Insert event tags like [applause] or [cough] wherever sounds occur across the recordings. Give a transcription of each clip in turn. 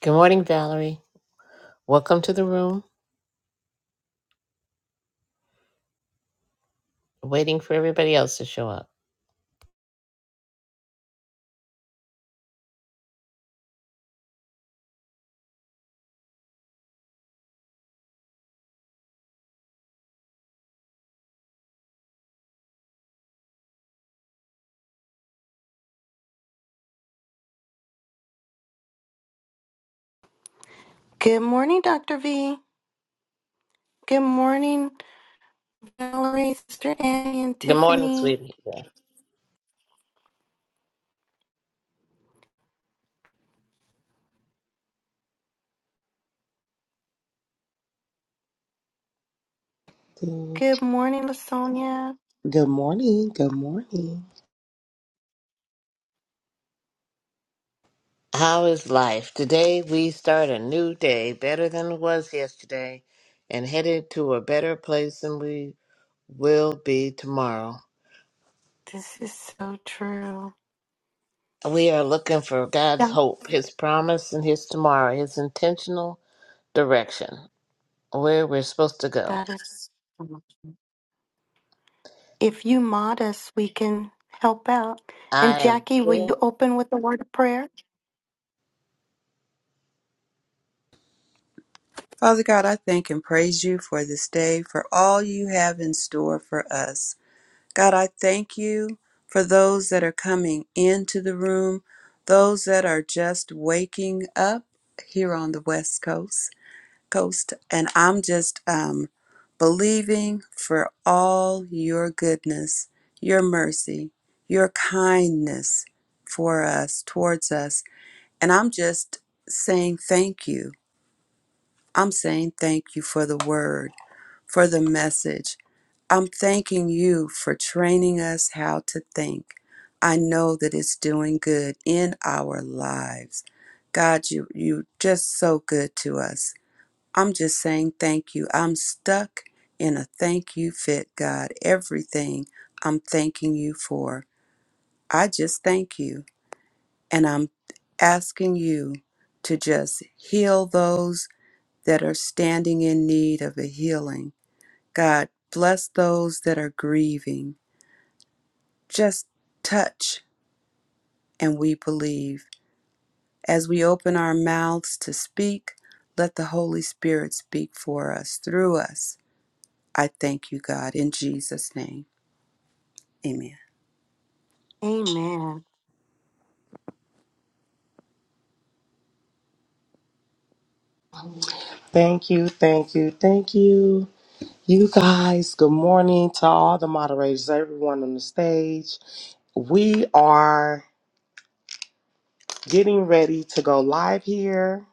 Good morning, Valerie. Welcome to the room. Waiting for everybody else to show up. Good morning, Dr. V. Good morning, Valerie, Sister Annie, and Good morning, Tiffany. sweetie. Yeah. Good Good morning, Lasonia. morning. Good morning. How is life? Today we start a new day, better than it was yesterday, and headed to a better place than we will be tomorrow. This is so true. We are looking for God's Yeah. hope, His promise, and His tomorrow, His intentional direction, where we're supposed to go. That is. If you mod us, we can help out. And I am Jackie, will getting you open with a word of prayer? Father God, I thank and praise you for this day, for all you have in store for us. God, I thank you for those that are coming into the room, those that are just waking up here on the West Coast. Coast, and I'm just um, believing for all your goodness, your mercy, your kindness for us, towards us. And I'm just saying thank you. I'm saying thank you for the word for the message. I'm thanking you for training us how to think. I know that it's doing good in our lives. God, you you just so good to us. I'm just saying thank you. I'm stuck in a thank you fit, God. Everything I'm thanking you for. I just thank you. And I'm asking you to just heal those that are standing in need of a healing God, bless those that are grieving. Just touch and we believe. As we open our mouths to speak, let the Holy Spirit speak for us, through us. I thank you, God, in Jesus' name. Amen. Amen. Thank you. Thank you. Thank you. You guys, good morning to all the moderators, everyone on the stage. We are getting ready to go live here.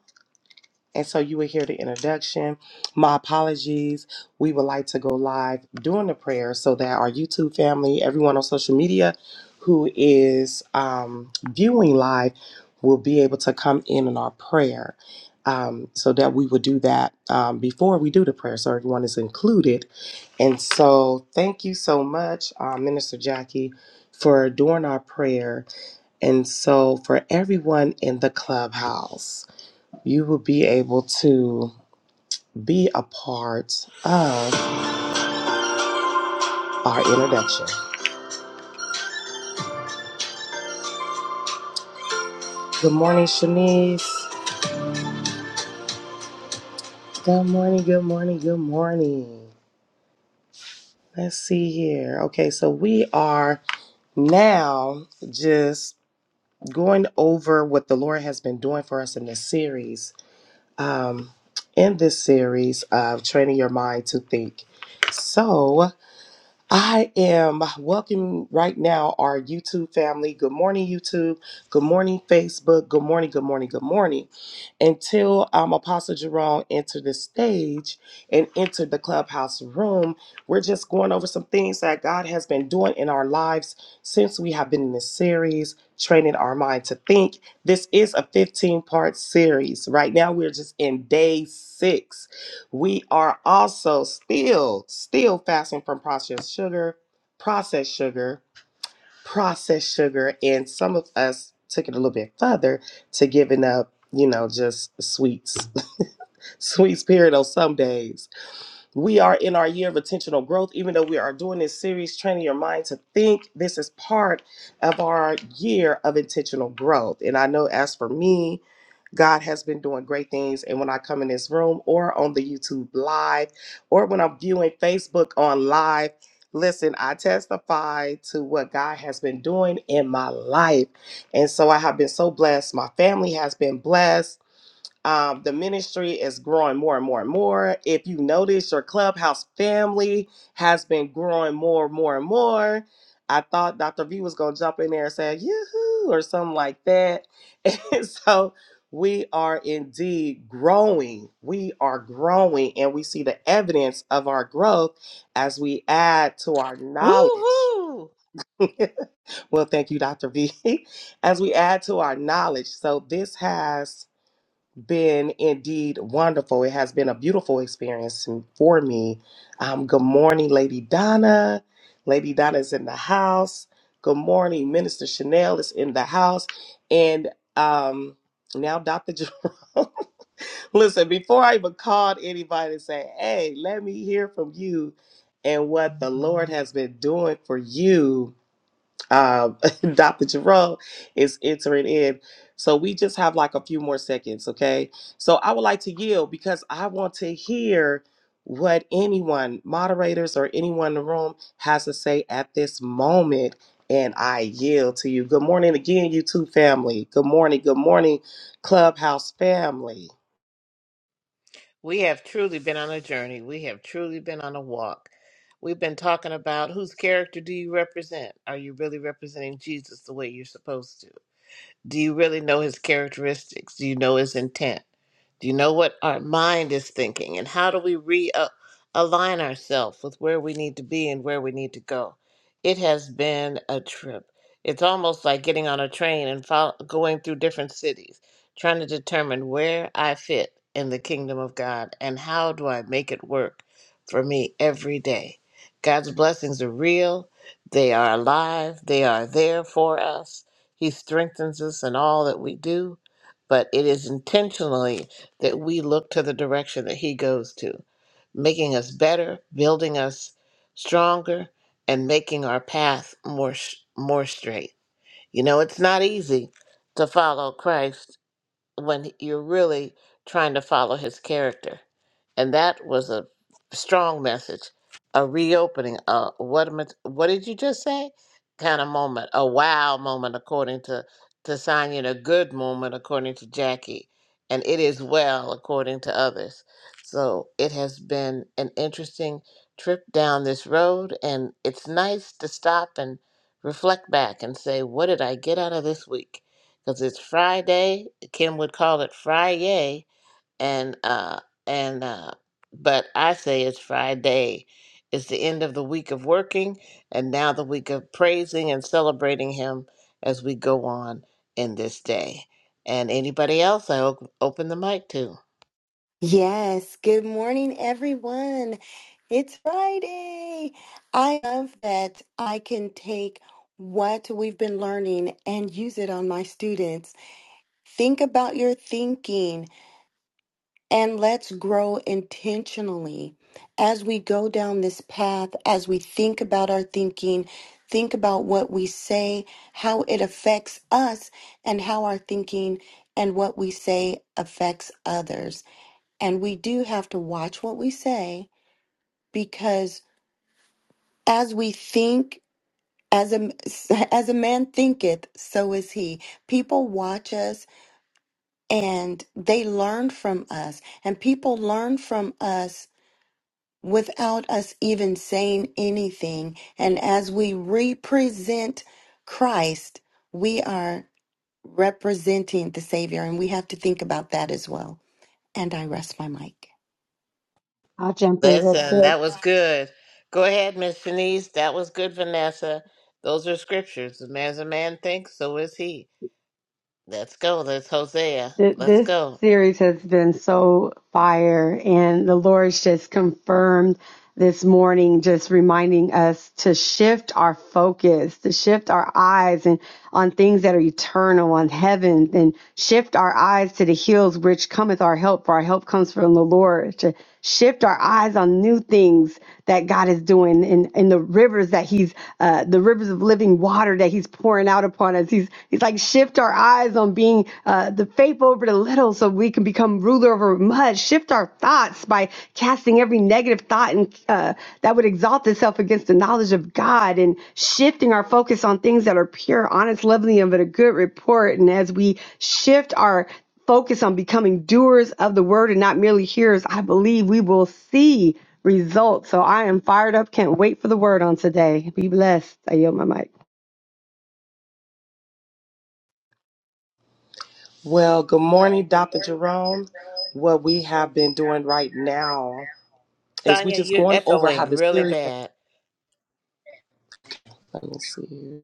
And so you will hear the introduction. My apologies. We would like to go live during the prayer so that our YouTube family, everyone on social media who is um, viewing live, will be able to come in in our prayer. Um, so that we would do that um, before we do the prayer, so everyone is included. And so, thank you so much, uh, Minister Jackie, for doing our prayer. And so, for everyone in the clubhouse you will be able to be a part of our introduction. Good morning, Shanice. Good morning, good morning, good morning. Let's see here. Okay, so we are now just going over what the Lord has been doing for us in this series, um, in this series of training your mind to think. So, I am welcoming right now our YouTube family. Good morning, YouTube. Good morning, Facebook. Good morning, good morning, good morning. Until um, Apostle Jerome entered the stage and entered the clubhouse room, we're just going over some things that God has been doing in our lives since we have been in this series, Training Our Mind to Think. This is a 15 part series. Right now, we're just in day six we are also still, still fasting from processed sugar, processed sugar, processed sugar, and some of us took it a little bit further to giving up, you know, just sweets, [laughs] sweets period on some days. We are in our year of intentional growth, even though we are doing this series, training your mind to think. This is part of our year of intentional growth. And I know as for me, God has been doing great things. And when I come in this room or on the YouTube live or when I'm viewing Facebook on live, listen, I testify to what God has been doing in my life. And so I have been so blessed. My family has been blessed. Um, the ministry is growing more and more and more. If you notice, your clubhouse family has been growing more and more and more. I thought Dr. V was going to jump in there and say, yoo-hoo, or something like that. [laughs] And so we are indeed growing. We are growing, and we see the evidence of our growth as we add to our knowledge. woohoo! [laughs] well, thank you, Dr. V, [laughs] as we add to our knowledge. So this has been indeed wonderful. It has been a beautiful experience for me. Um, good morning, Lady Donna. Lady Donna is in the house. Good morning, Minister Chanel is in the house. And um, now Dr. Jerome. [laughs] Listen, before I even called anybody and say, hey, let me hear from you and what the Lord has been doing for you um, [laughs] Dr. Jerome is entering in. So we just have like a few more seconds, okay? So I would like to yield because I want to hear what anyone, moderators or anyone in the room, has to say at this moment. And I yield to you. Good morning again, YouTube family. Good morning. Good morning, Clubhouse family. We have truly been on a journey. We have truly been on a walk. We've been talking about whose character do you represent? Are you really representing Jesus the way you're supposed to? Do you really know his characteristics? Do you know his intent? Do you know what our mind is thinking? And how do we realign ourselves with where we need to be and where we need to go? It has been a trip. It's almost like getting on a train and fol- going through different cities, trying to determine where I fit in the kingdom of God and how do I make it work for me every day. God's blessings are real, they are alive, they are there for us. He strengthens us in all that we do, but it is intentionally that we look to the direction that He goes to, making us better, building us stronger, and making our path more sh- more straight. You know, it's not easy to follow Christ when you're really trying to follow his character. And that was a strong message, a reopening. a what am I, what did you just say? Kind of moment, a wow moment, according to to Sonya, and a good moment, according to Jackie, and it is well, according to others. So it has been an interesting trip down this road, and it's nice to stop and reflect back and say, what did I get out of this week? Because it's Friday Kim would call it Friday, and uh, and uh, but I say it's Friday. It's the end of the week of working, and now the week of praising and celebrating Him as we go on in this day. And anybody else, I op- open the mic to. Yes. Good morning, everyone. It's Friday. I love that I can take what we've been learning and use it on my students. Think about your thinking and let's grow intentionally as we go down this path, as we think about our thinking, think about what we say, how it affects us, and how our thinking and what we say affects others. And we do have to watch what we say because as we think, as a [laughs] as a man thinketh, so is he. People watch us and they learn from us and people learn from us without us even saying anything and as we represent christ we are representing the savior and we have to think about that as well and i rest my mic I'll jump in real Listen, quick. that was good. Go ahead, Miss Shanice. That was good, Vanessa. Those are scriptures. And As a man thinks, so is he. Let's go. That's Hosea. Th- Let's This go. series has been so fire, and the Lord's just confirmed. this morning just reminding us to shift our focus, to shift our eyes and on things that are eternal, on heaven, and shift our eyes to the hills which cometh our help, for our help comes from the Lord. To shift our eyes on new things that God is doing and in the rivers that He's uh, the rivers of living water that He's pouring out upon us. He's He's like shift our eyes on being uh, the faithful over the little so we can become ruler over much. Shift our thoughts by casting every negative thought and uh, that would exalt itself against the knowledge of God and shifting our focus on things that are pure, honest, lovely, and of a good report. And as we shift our focus on becoming doers of the word and not merely hearers, I believe we will see results. So I am fired up. Can't wait for the word on today. Be blessed. I yield my mic. Well, good morning, Dr. Jerome. What we have been doing right now is we Sonia, just you're going over echoing how the really series. bad. Let me see. here.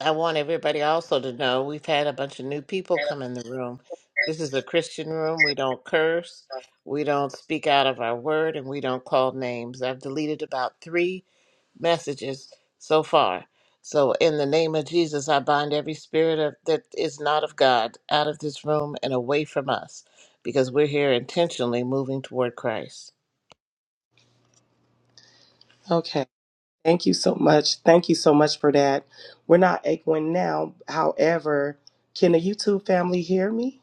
I want everybody also to know we've had a bunch of new people come in the room. This is a Christian room. We don't curse, we don't speak out of our word, and we don't call names. I've deleted about three messages so far. So, in the name of Jesus, I bind every spirit of, that is not of God out of this room and away from us because we're here intentionally moving toward Christ. Okay. Thank you so much. Thank you so much for that. We're not echoing now. However, can the YouTube family hear me?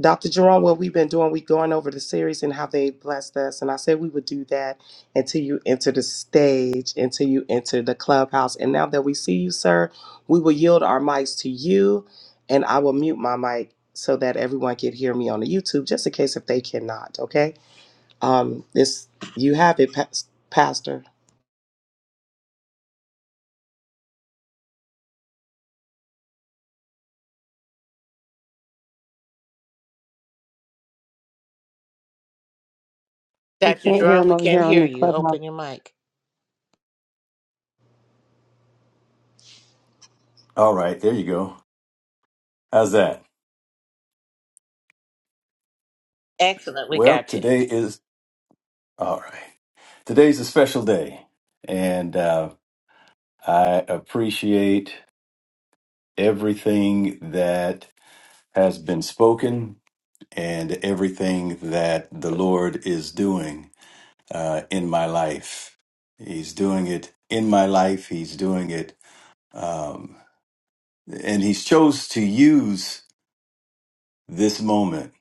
Dr. Jerome, what we've been doing, we've gone over the series and how they blessed us. And I said we would do that until you enter the stage, until you enter the clubhouse. And now that we see you, sir, we will yield our mics to you. And I will mute my mic so that everyone can hear me on the YouTube, just in case if they cannot. Okay. Um, this you have it, pas- Pastor. We Dr. can't hear Jerome, him we over can't here on hear the you. clubhouse. Open your mic. All right, there you go. How's that? Excellent. We Well, got you. today is all right. Today's a special day, and uh, I appreciate everything that has been spoken and everything that the Lord is doing uh, in my life. He's doing it in my life. He's doing it, um, and He's chose to use this moment.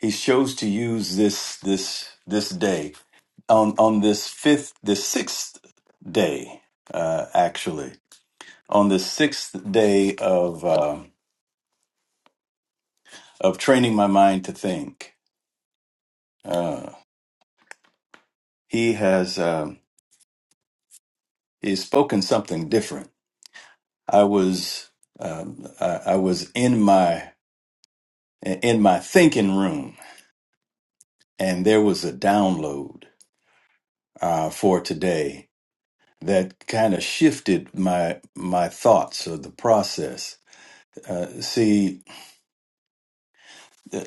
He's chose to use this this this day on on this fifth the sixth day uh actually on the sixth day of um of training my mind to think uh he has um he's spoken something different i was um I, I was in my in my thinking room and there was a download uh for today that kind of shifted my my thoughts of the process uh see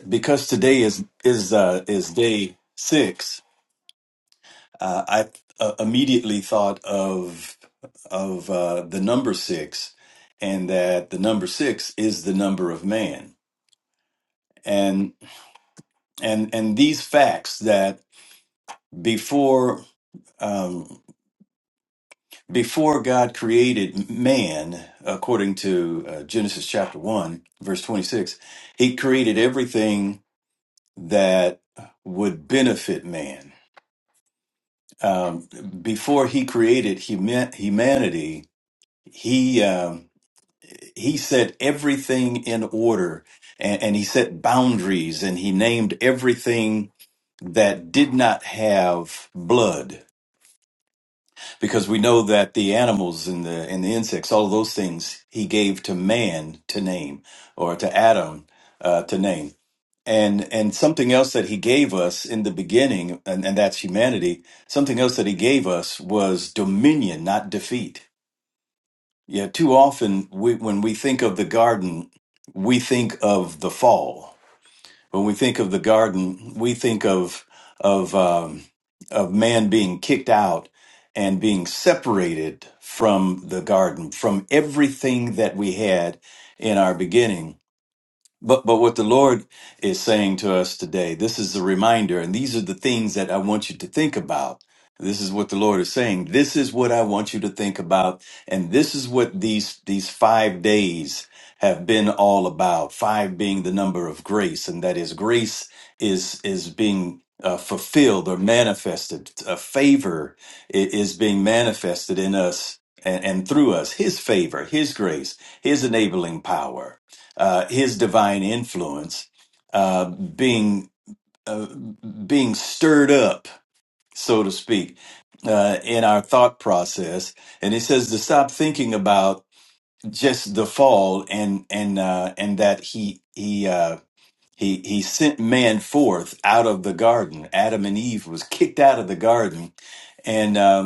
because today is is uh, is day six, uh, I uh, immediately thought of of uh, the number six, and that the number six is the number of man, and and and these facts that before. Um, before God created man, according to uh, Genesis chapter 1, verse 26, he created everything that would benefit man um, before he created huma- humanity, he um, he set everything in order, and, and he set boundaries, and he named everything that did not have blood, because we know that the animals and the and the insects, all of those things, he gave to man to name, or to Adam uh, to name and and something else that he gave us in the beginning and, and that's humanity something else that he gave us was dominion not defeat yeah too often we, when we think of the garden we think of the fall when we think of the garden we think of of um, of man being kicked out and being separated from the garden from everything that we had in our beginning but but what the Lord is saying to us today, this is the reminder, and these are the things that I want you to think about. This is what the Lord is saying. This is what I want you to think about, and this is what these these five days have been all about. Five being the number of grace, and that is grace is is being uh, fulfilled or manifested. A favor i- is being manifested in us and, and through us. His favor, His grace, His enabling power uh, his divine influence uh, being uh, being stirred up, so to speak, uh, in our thought process. And he says to stop thinking about just the fall and and uh, and that he he. Uh, he, he sent man forth out of the garden. Adam and Eve was kicked out of the garden, and um,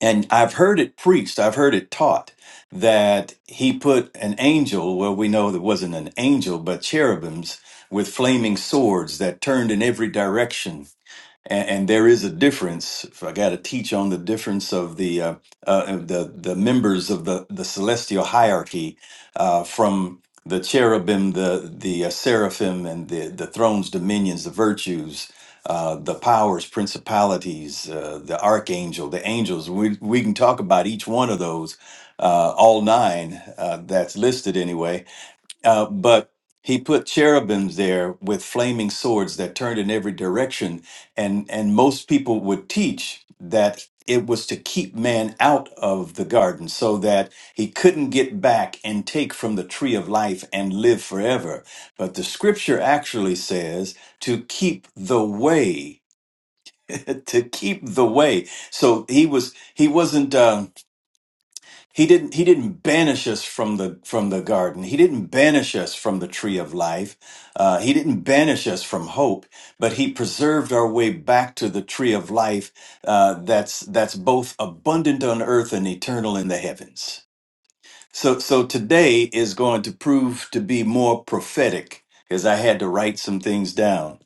and I've heard it preached, I've heard it taught that he put an angel, well, we know that wasn't an angel, but cherubims with flaming swords that turned in every direction and, and there is a difference. If I got to teach on the difference of the uh, uh, of the the members of the the celestial hierarchy uh, from the cherubim, the the uh, seraphim, and the the thrones, dominions, the virtues. Uh, the powers, principalities, uh, the archangel, the angels. We, we can talk about each one of those, uh, all nine uh, that's listed anyway uh, but he put cherubims there with flaming swords that turned in every direction, and and most people would teach that it was to keep man out of the garden so that he couldn't get back and take from the tree of life and live forever but the scripture actually says to keep the way [laughs] to keep the way so he was he wasn't um, he didn't he didn't banish us from the from the garden. He didn't banish us from the tree of life. Uh, he didn't banish us from hope, but he preserved our way back to the tree of life uh, that's that's both abundant on earth and eternal in the heavens. So so today is going to prove to be more prophetic because I had to write some things down.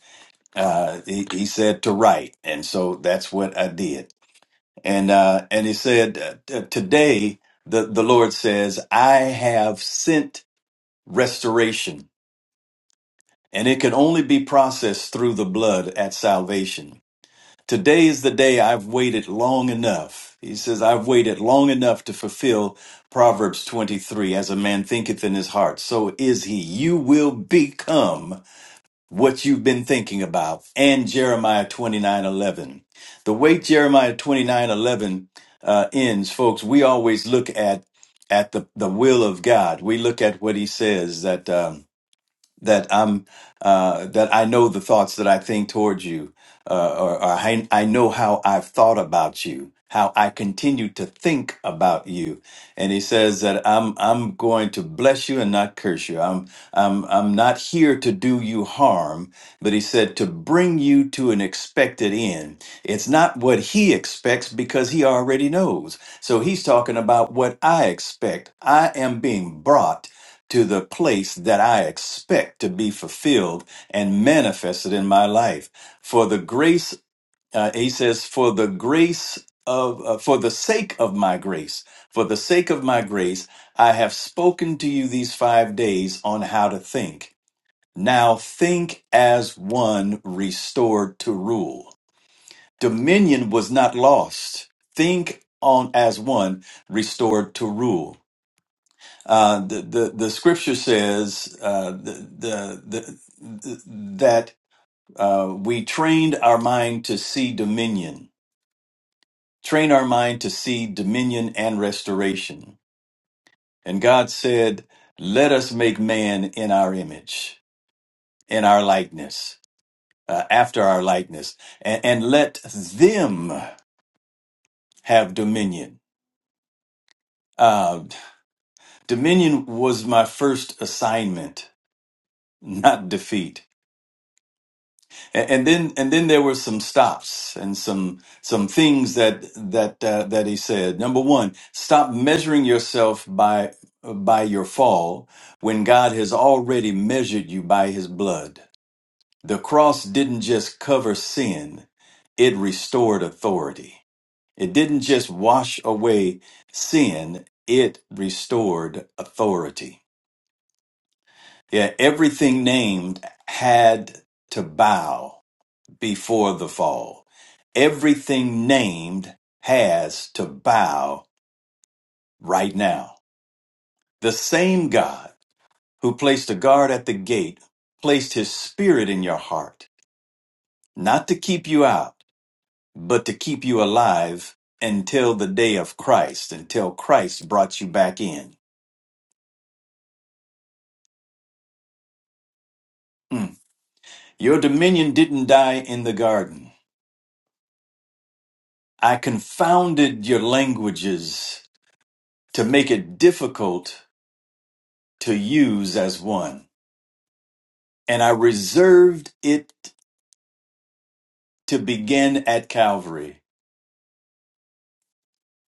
Uh, he, he said to write, and so that's what I did and uh, and he said, uh, "Today the the Lord says, I have sent restoration, and it can only be processed through the blood at salvation. Today is the day I've waited long enough." He says, "I've waited long enough to fulfill Proverbs twenty three, as a man thinketh in his heart, so is he. You will become." what you've been thinking about and Jeremiah 29:11. The way Jeremiah 29:11 uh, ends, folks, we always look at at the, the will of God. We look at what he says that um, that I'm uh, that I know the thoughts that I think towards you, uh, or, or I, I know how I've thought about you, how I continue to think about you. And he says that I'm I'm going to bless you and not curse you. I'm I'm I'm not here to do you harm, but he said to bring you to an expected end. It's not what he expects because he already knows. So he's talking about what I expect. I am being brought to the place that I expect to be fulfilled and manifested in my life. For the grace, uh, he says, for the grace of, uh, for the sake of my grace, for the sake of my grace, I have spoken to you these five days on how to think. Now think as one restored to rule. Dominion was not lost. Think on as one restored to rule. Uh, the, the the scripture says uh, the, the, the, that uh, we trained our mind to see dominion, train our mind to see dominion and restoration. And God said, "Let us make man in our image, in our likeness, uh, after our likeness, and, and let them have dominion." Uh, dominion was my first assignment, not defeat. and, and then and then there were some stops and some some things that that uh, that he said. Number one, stop measuring yourself by by your fall when God has already measured you by His blood. The cross didn't just cover sin; it restored authority. It didn't just wash away sin; it restored authority. Yeah, everything named had to bow before the fall. Everything named has to bow right now. The same God who placed a guard at the gate placed his spirit in your heart, not to keep you out, but to keep you alive until the day of Christ, until Christ brought you back in. Mm. Your dominion didn't die in the garden. I confounded your languages to make it difficult to use as one. and I reserved it to begin at Calvary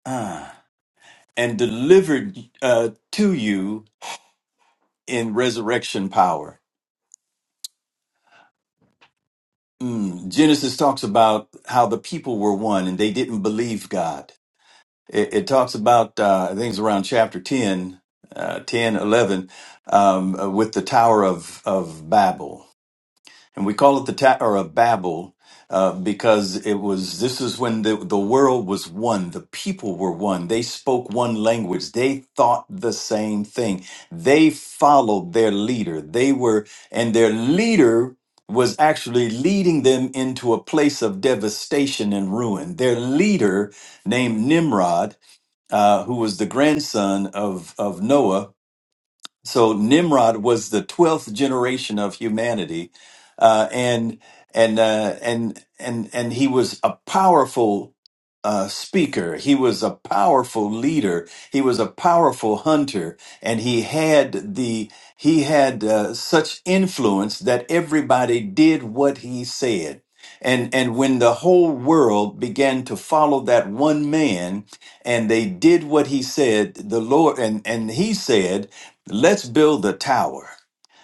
ah, and delivered uh, to you in resurrection power. Mm. Genesis talks about how the people were one and they didn't believe God. It, it talks about, uh, I think it's around chapter 10, uh, 10, eleven, um, uh, with the Tower of, of Babel and we call it the Tower of Babel uh, because it was this is when the, the world was one, the people were one, they spoke one language, they thought the same thing, they followed their leader, they were, and their leader was actually leading them into a place of devastation and ruin. Their leader, named Nimrod, uh, who was the grandson of, of Noah, so Nimrod was the twelfth generation of humanity, uh, and and uh, and and and he was a powerful uh, speaker. He was a powerful leader. He was a powerful hunter, and he had the he had uh, such influence that everybody did what he said. And and when the whole world began to follow that one man, and they did what he said, the Lord and and he said Let's build the tower.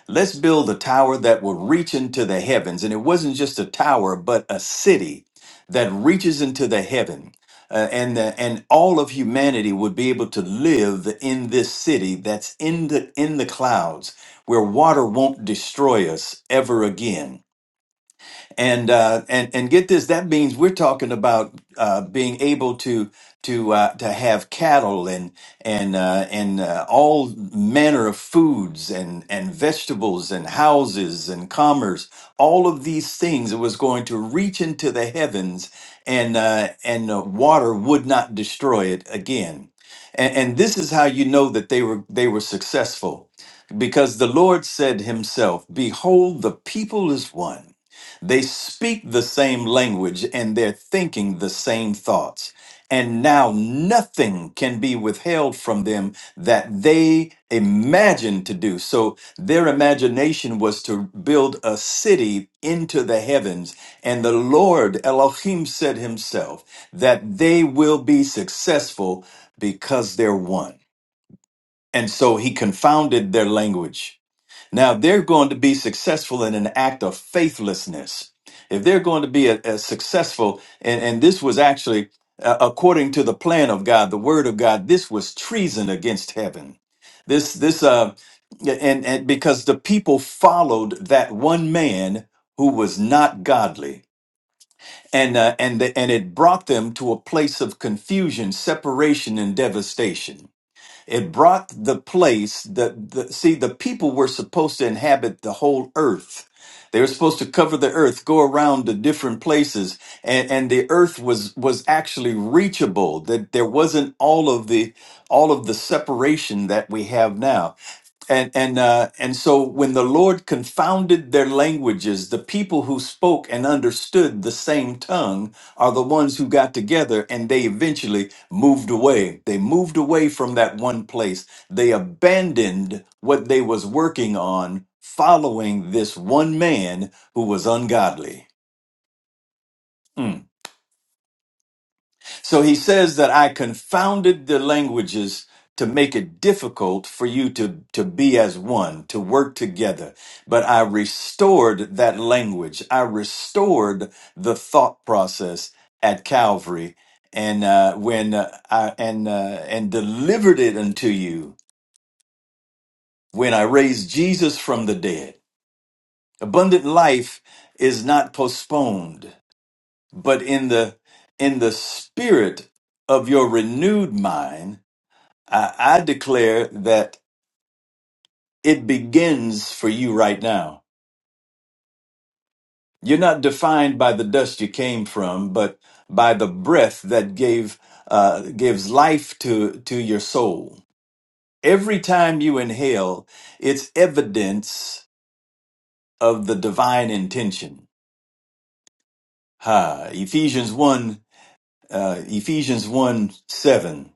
Let's build a tower that will reach into the heavens. And it wasn't just a tower, but a city that reaches into the heaven. Uh, and, the, and all of humanity would be able to live in this city that's in the, in the clouds where water won't destroy us ever again and uh, and and get this. That means we're talking about uh, being able to to uh, to have cattle and and uh, and uh, all manner of foods and and vegetables and houses and commerce. All of these things it was going to reach into the heavens, and uh, and uh, water would not destroy it again. And, and this is how you know that they were they were successful, because the Lord said Himself, "Behold, the people is one." They speak the same language and they're thinking the same thoughts. And now nothing can be withheld from them that they imagine to do. So their imagination was to build a city into the heavens. And the Lord Elohim said himself that they will be successful because they're one. And so he confounded their language now, if they're going to be successful in an act of faithlessness, if they're going to be a, a successful, and, and this was actually uh, according to the plan of God, the word of God, this was treason against heaven. This, this, uh, yeah, and, and because the people followed that one man who was not godly. And, uh, and, the, and it brought them to a place of confusion, separation, and devastation. It brought the place that the, see the people were supposed to inhabit the whole earth. They were supposed to cover the earth, go around to different places, and, and the earth was was actually reachable. That there wasn't all of the all of the separation that we have now and and uh, and so when the Lord confounded their languages, the people who spoke and understood the same tongue are the ones who got together, and they eventually moved away. They moved away from that one place. They abandoned what they was working on, following this one man who was ungodly. Hmm. So he says that I confounded the languages to make it difficult for you to, to be as one, to work together. But I restored that language. I restored the thought process at Calvary and uh, when uh, I and uh, and delivered it unto you when I raised Jesus from the dead. Abundant life is not postponed, but in the in the spirit of your renewed mind I, I declare that it begins for you right now. You're not defined by the dust you came from, but by the breath that gave uh, gives life to to your soul. Every time you inhale, it's evidence of the divine intention. Ha! Ephesians one, uh, Ephesians one seven.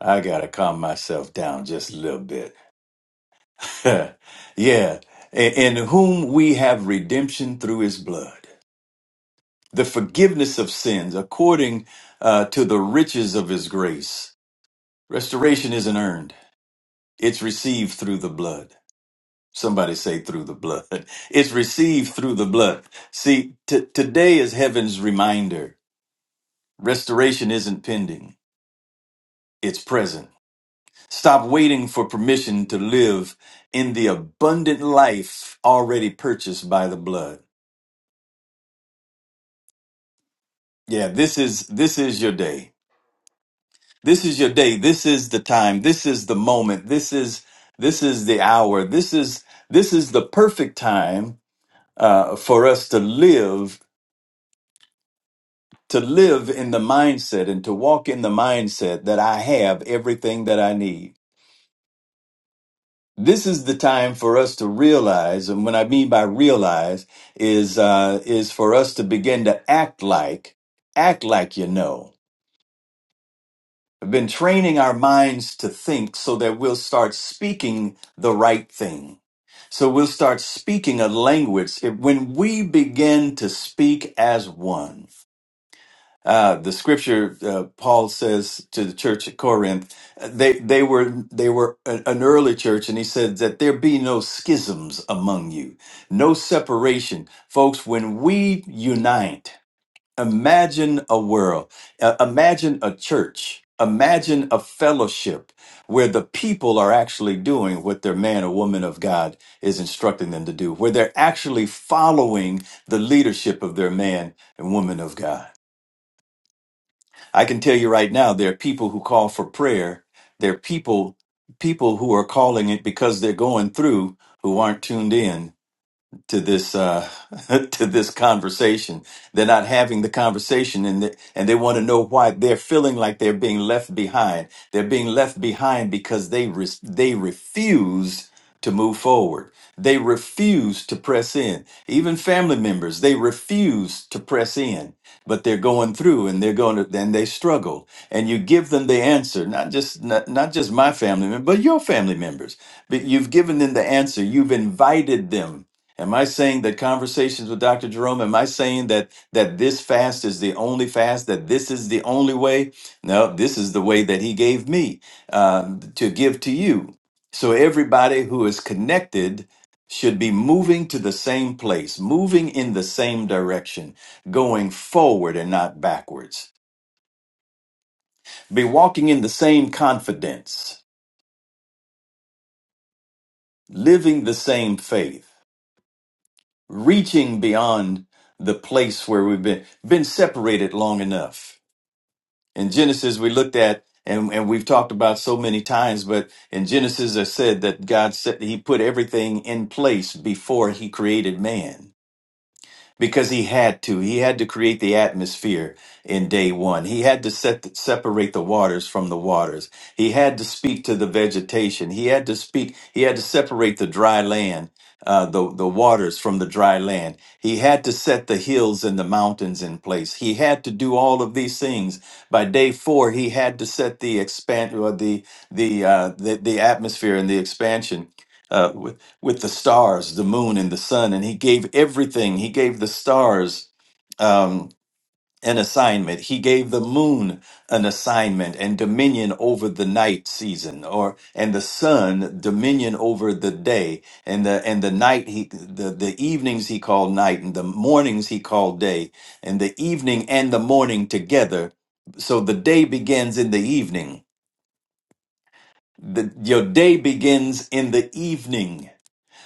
I gotta calm myself down just a little bit. [laughs] yeah. In whom we have redemption through his blood, the forgiveness of sins according uh, to the riches of his grace. Restoration isn't earned, it's received through the blood. Somebody say through the blood. [laughs] It's received through the blood. See, t- today is heaven's reminder. Restoration isn't pending, it's present. Stop waiting for permission to live in the abundant life already purchased by the blood. Yeah, this is this is your day. This is your day. This is the time. This is the moment. This is this is the hour. This is this is the perfect time uh, for us to live to live in the mindset and to walk in the mindset that I have everything that I need. This is the time for us to realize, and what I mean by realize is uh, is for us to begin to act like act like you know. We've been training our minds to think so that we'll start speaking the right thing. So we'll start speaking a language. If- When we begin to speak as one, uh, the scripture uh, Paul says to the church at Corinth, uh, they they were they were a- an early church, and he said that there be no schisms among you, no separation, folks. When we unite, Imagine a world, uh, imagine a church, imagine a fellowship where the people are actually doing what their man or woman of God is instructing them to do, where they're actually following the leadership of their man and woman of God. I can tell you right now, there are people who call for prayer. There are people, people who are calling it because they're going through who aren't tuned in to this uh, [laughs] to this conversation. They're not having the conversation, and they, and they want to know why they're feeling like they're being left behind. They're being left behind because they re- they refuse to move forward. They refuse to press in. Even family members, they refuse to press in. But they're going through, and they're going to, then they struggle. And you give them the answer, not just not, not just my family member, but your family members. But you've given them the answer. You've invited them Am I saying that conversations with Dr. Jerome, am I saying that that this fast is the only fast, that this is the only way? No, this is the way that he gave me um, to give to you. So everybody who is connected should be moving to the same place, moving in the same direction, going forward and not backwards. Be walking in the same confidence, living the same faith. reaching beyond the place where we've been been separated long enough. In Genesis, we looked at and, and we've talked about so many times, but in Genesis, I said that God said He put everything in place before He created man because he had to. He had to create the atmosphere in day one. He had to set, separate the waters from the waters. He had to speak to the vegetation. He had to speak. He had to separate the dry land, uh, the the waters from the dry land. He had to set the hills and the mountains in place. He had to do all of these things. By day four, he had to set the expand or the the uh, the, the atmosphere and the expansion. Uh, with the stars, the moon, and the sun. And he gave everything. He gave the stars um, an assignment. He gave the moon an assignment and dominion over the night season, or and the sun dominion over the day, and the and the night. He the the evenings he called night, and the mornings he called day, and the evening and the morning together. So the day begins in the evening. The, your day begins in the evening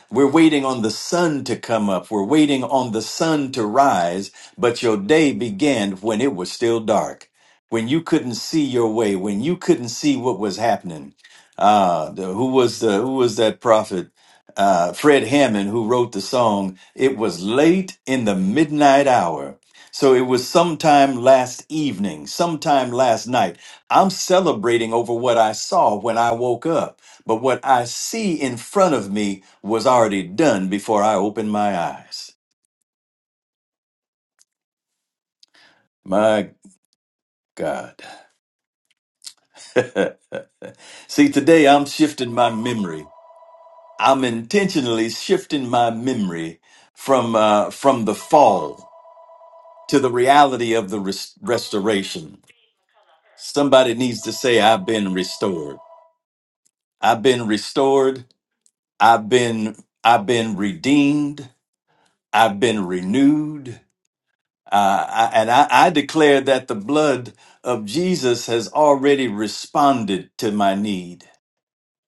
we're waiting on the sun to come up. We're waiting on the sun to rise. But your day began when it was still dark, when you couldn't see your way, when you couldn't see what was happening. Uh, the- who was the who was that prophet? Uh, Fred Hammond, who wrote the song. It was late in the midnight hour. So it was sometime last evening, sometime last night I'm celebrating over what I saw when I woke up, but what I see in front of me was already done before I opened my eyes. My God. See, today I'm shifting my memory. I'm intentionally shifting my memory from uh, from the fall to the reality of the res- restoration. Somebody needs to say, "I've been restored. I've been restored. I've been I've been redeemed. I've been renewed." Uh, I- and I, I declare that the blood of Jesus has already responded to my need.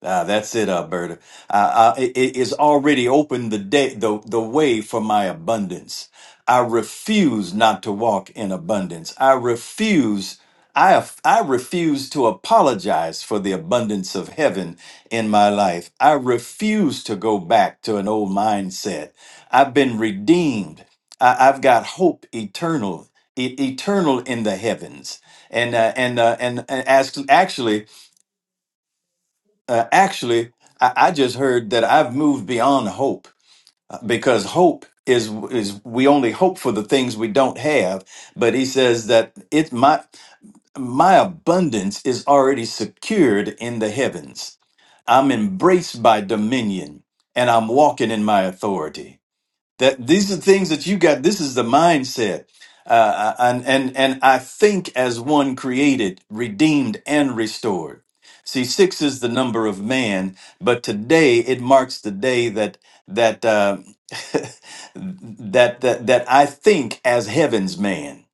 Ah, that's it, Alberta. Uh, uh, it it is already opened the day, the, the way for my abundance. I refuse not to walk in abundance. I refuse. I, I refuse to apologize for the abundance of heaven in my life. I refuse to go back to an old mindset. I've been redeemed. I, I've got hope eternal, e- eternal in the heavens. And uh, and uh, and, and as, actually, uh, actually, I, I just heard that I've moved beyond hope uh, because hope is is we only hope for the things we don't have. But he says that it my my abundance is already secured in the heavens. I'm embraced by dominion, and I'm walking in my authority that these are things that you got this is the mindset uh, uh, and and and i think as one created redeemed and restored see six is the number of man but today it marks the day that that uh, [laughs] that, that that i think as heaven's man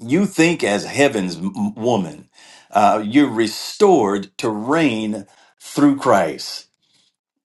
you think as heaven's m- woman uh, you're restored to reign through christ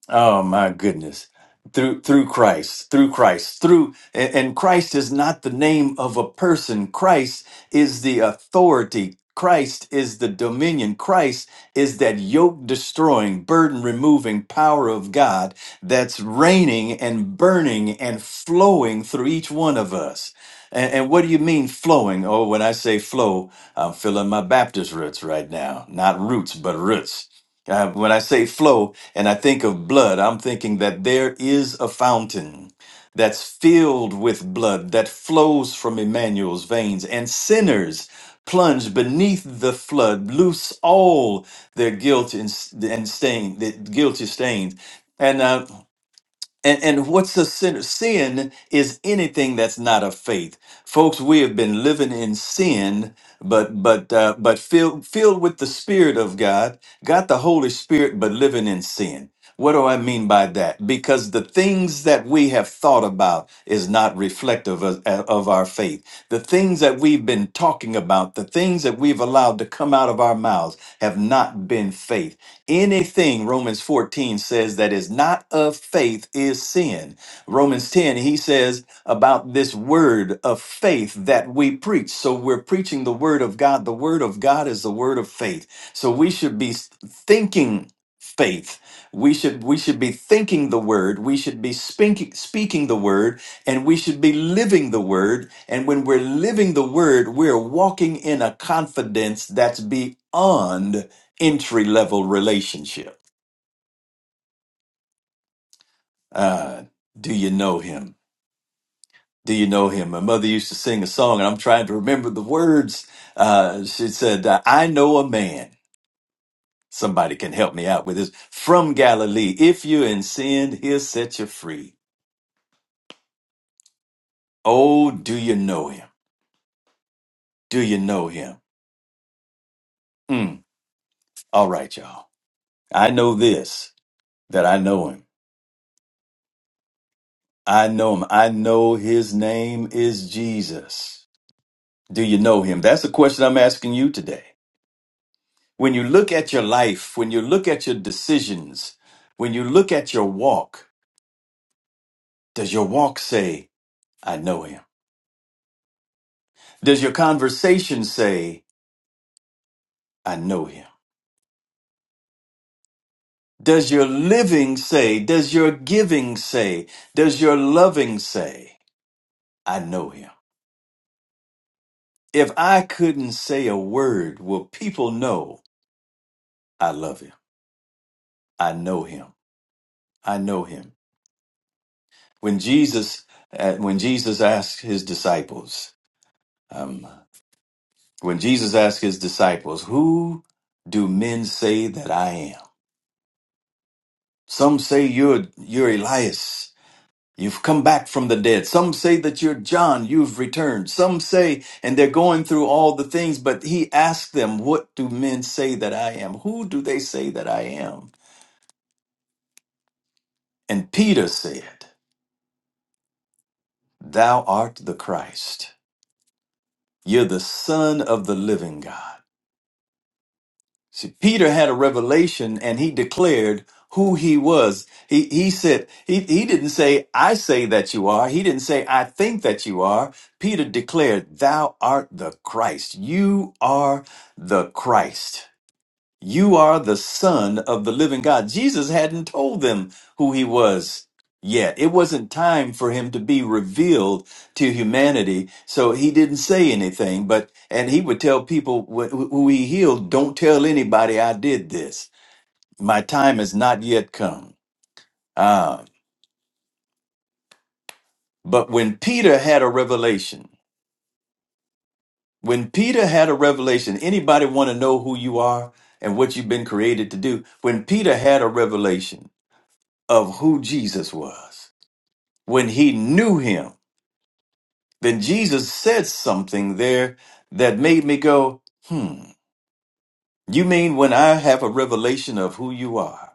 Oh my goodness. Through through Christ, through Christ, through and and Christ is not the name of a person. Christ is the authority. Christ is the dominion. Christ is that yoke destroying, burden removing power of God that's reigning and burning and flowing through each one of us. And, and what do you mean flowing? Oh, when I say flow, I'm feeling my Baptist roots right now. Not roots, but roots. Uh, when I say flow and I think of blood, I'm thinking that there is a fountain that's filled with blood that flows from Emmanuel's veins, and sinners plunge beneath the flood, loose all their guilt and, and stain, the guilty stains. And uh, and, and what's a sin? Sin is anything that's not of faith, folks. We have been living in sin, but but uh, but filled filled with the Spirit of God, got the Holy Spirit, but living in sin. What do I mean by that? Because the things that we have thought about is not reflective of, uh, of our faith. The things that we've been talking about, the things that we've allowed to come out of our mouths have not been faith. Anything, Romans 14 says, that is not of faith is sin. Romans 10, he says about this word of faith that we preach. So we're preaching the word of God. The word of God is the word of faith. So we should be thinking faith we should we should be thinking the word we should be speaking speaking the word and we should be living the word and when we're living the word we're walking in a confidence that's beyond entry level relationship uh, do you know him do you know him my mother used to sing a song and i'm trying to remember the words uh, she said uh, i know a man somebody can help me out with this from galilee if you're in sin he'll set you free oh do you know him Do you know him? Mm. All right, y'all. I know this that I know him. I know him. I know his name is Jesus. Do you know him? That's the question I'm asking you today. When you look at your life, when you look at your decisions, when you look at your walk, does your walk say, I know him? Does your conversation say, I know him? Does your living say, does your giving say, does your loving say, I know him? If I couldn't say a word, will people know I love him? I know him. I know him. When Jesus, uh, when Jesus asked his disciples, um, when Jesus asked his disciples, "Who do men say that I am?" Some say you're you're Elias. You've come back from the dead. Some say that you're John. You've returned. Some say, and they're going through all the things. But he asked them, "What do men say that I am? Who do they say that I am?" And Peter said, Thou art the Christ. You're the Son of the living God. See, Peter had a revelation and he declared who he was. He, he said, he, he didn't say, I say that you are. He didn't say, I think that you are. Peter declared, Thou art the Christ. You are the Christ. You are the son of the living God. Jesus hadn't told them who he was yet. It wasn't time for him to be revealed to humanity. So he didn't say anything, but, and he would tell people wh- who he healed, don't tell anybody I did this. My time has not yet come. Ah, but when Peter had a revelation, when Peter had a revelation, anybody want to know who you are and what you've been created to do? When Peter had a revelation, of who Jesus was, when he knew him, then Jesus said something there that made me go, hmm, you mean when I have a revelation of who you are,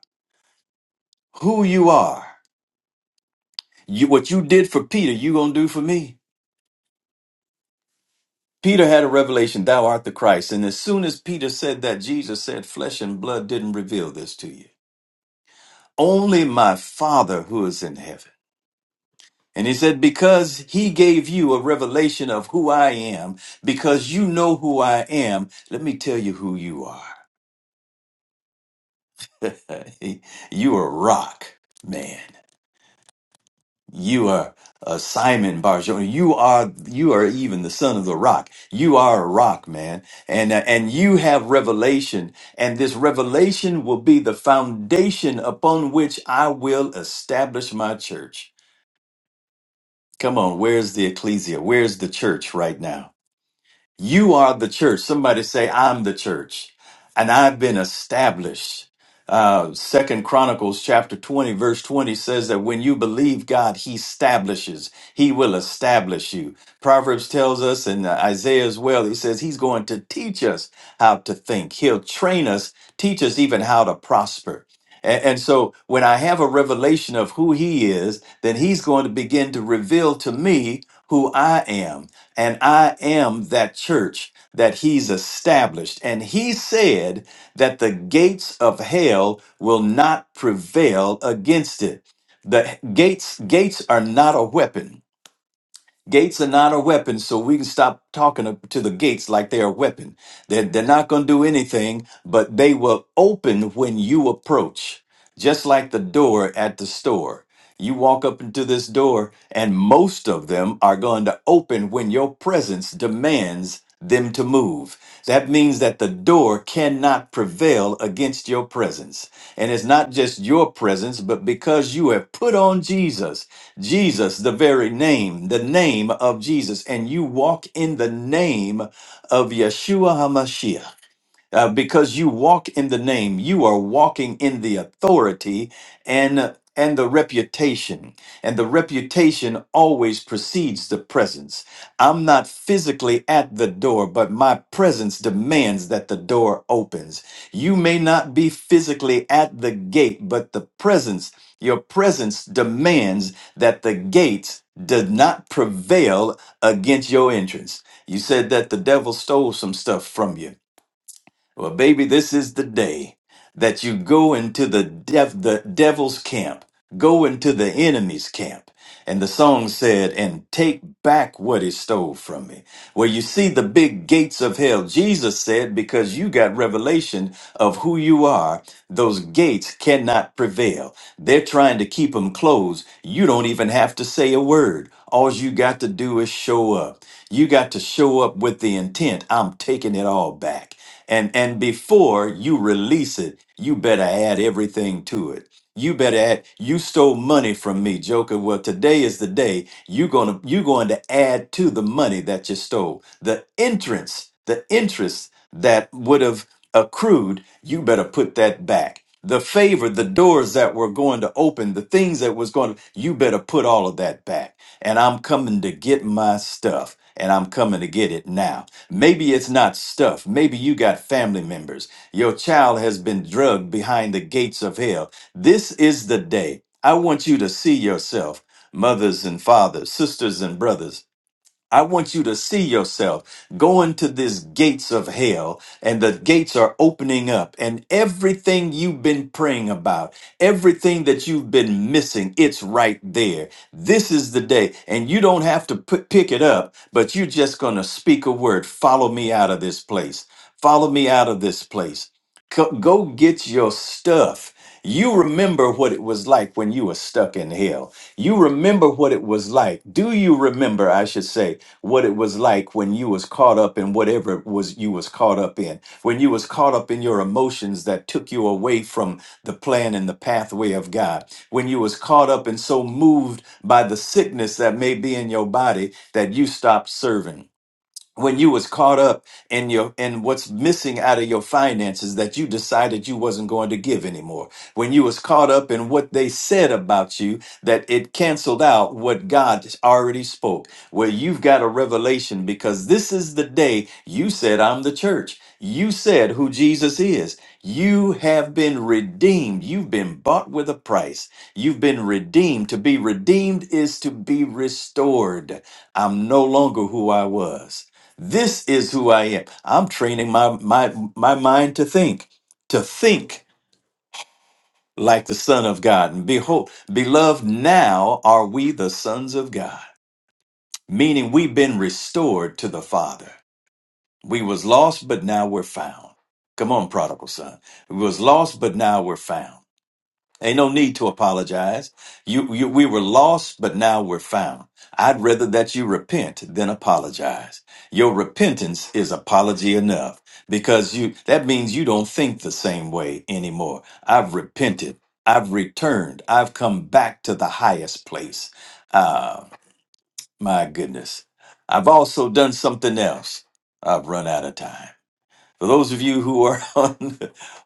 who you are, you, what you did for Peter, you gonna do for me? Peter had a revelation, thou art the Christ. And as soon as Peter said that, Jesus said, flesh and blood didn't reveal this to you. Only my Father who is in heaven. And he said, Because he gave you a revelation of who I am, because you know who I am, let me tell you who you are. [laughs] you are a rock, man. You are uh, Simon Barjona. You are you are even the son of the rock. You are a rock, man, and uh, and you have revelation, and this revelation will be the foundation upon which I will establish my church. Come on, where's the ecclesia? Where's the church right now? You are the church. Somebody say, I'm the church. And I've been established. Uh, Second Chronicles chapter 20, verse 20 says that when you believe God, he establishes. He will establish you. Proverbs tells us and uh, Isaiah as well, he says he's going to teach us how to think. He'll train us, teach us even how to prosper. And, and so when I have a revelation of who he is, then he's going to begin to reveal to me who I am and I am that church that he's established. And he said that the gates of hell will not prevail against it. The gates gates are not a weapon Gates are not a weapon, so we can stop talking to the gates like they're a weapon. They're, they're not going to do anything, but they will open when you approach, just like the door at the store. You walk up into this door, and most of them are going to open when your presence demands them to move. That means that the door cannot prevail against your presence. And it's not just your presence, but because you have put on Jesus. Jesus, the very name, the name of Jesus, and you walk in the name of Yeshua HaMashiach. Uh, because you walk in the name, you are walking in the authority and and the reputation. And the reputation always precedes the presence. I'm not physically at the door, but my presence demands that the door opens. You may not be physically at the gate, but the presence, your presence demands that the gates does not prevail against your entrance. You said that the devil stole some stuff from you. Well, baby, this is the day that you go into the dev- the devil's camp, go into the enemy's camp. And the song said, and take back what he stole from me. Well, you see the big gates of hell. Jesus said, because you got revelation of who you are, those gates cannot prevail. They're trying to keep them closed. You don't even have to say a word. All you got to do is show up. You got to show up with the intent. I'm taking it all back. And and before you release it, you better add everything to it. You better add you stole money from me, Joker. Well, today is the day you're gonna you're going to add to the money that you stole. The entrance, the interest that would have accrued, you better put that back the favor, the doors that were going to open, the things that was going to, you better put all of that back. And I'm coming to get my stuff and I'm coming to get it now. Maybe it's not stuff. Maybe you got family members. Your child has been drugged behind the gates of hell. This is the day. I want you to see yourself, mothers and fathers, sisters and brothers. I want you to see yourself going to these gates of hell, and the gates are opening up, and everything you've been praying about, everything that you've been missing, it's right there. This is the day, and you don't have to put, pick it up, but you're just going to speak a word follow me out of this place. Follow me out of this place. Co- Go get your stuff. You remember what it was like when you were stuck in hell. You remember what it was like. Do you remember, I should say? what it was like when you was caught up in whatever it was you was caught up in when you was caught up in your emotions that took you away from the plan and the pathway of god when you was caught up and so moved by the sickness that may be in your body that you stopped serving when you was caught up in your in what's missing out of your finances that you decided you wasn't going to give anymore when you was caught up in what they said about you that it canceled out what god already spoke Well, you've got a revelation because this is the day you said i'm the church you said who jesus is you have been redeemed you've been bought with a price you've been redeemed to be redeemed is to be restored i'm no longer who i was this is who I am. I'm training my my my mind to think, to think like the Son of God. And behold, beloved, now are we the sons of God. Meaning we've been restored to the Father. We was lost, but now we're found. Come on, prodigal son. We was lost, but now we're found. Ain't no need to apologize. You, you, we were lost, but now we're found. I'd rather that you repent than apologize. Your repentance is apology enough because you, that means you don't think the same way anymore. I've repented. I've returned. I've come back to the highest place. Ah, my goodness. I've also done something else. I've run out of time. For those of you who are [laughs] on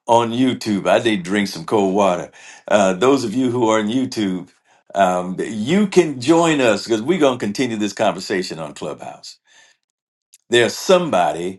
on YouTube, I did drink some cold water. Uh, those of you who are on YouTube, um, you can join us because we're going to continue this conversation on Clubhouse. There's somebody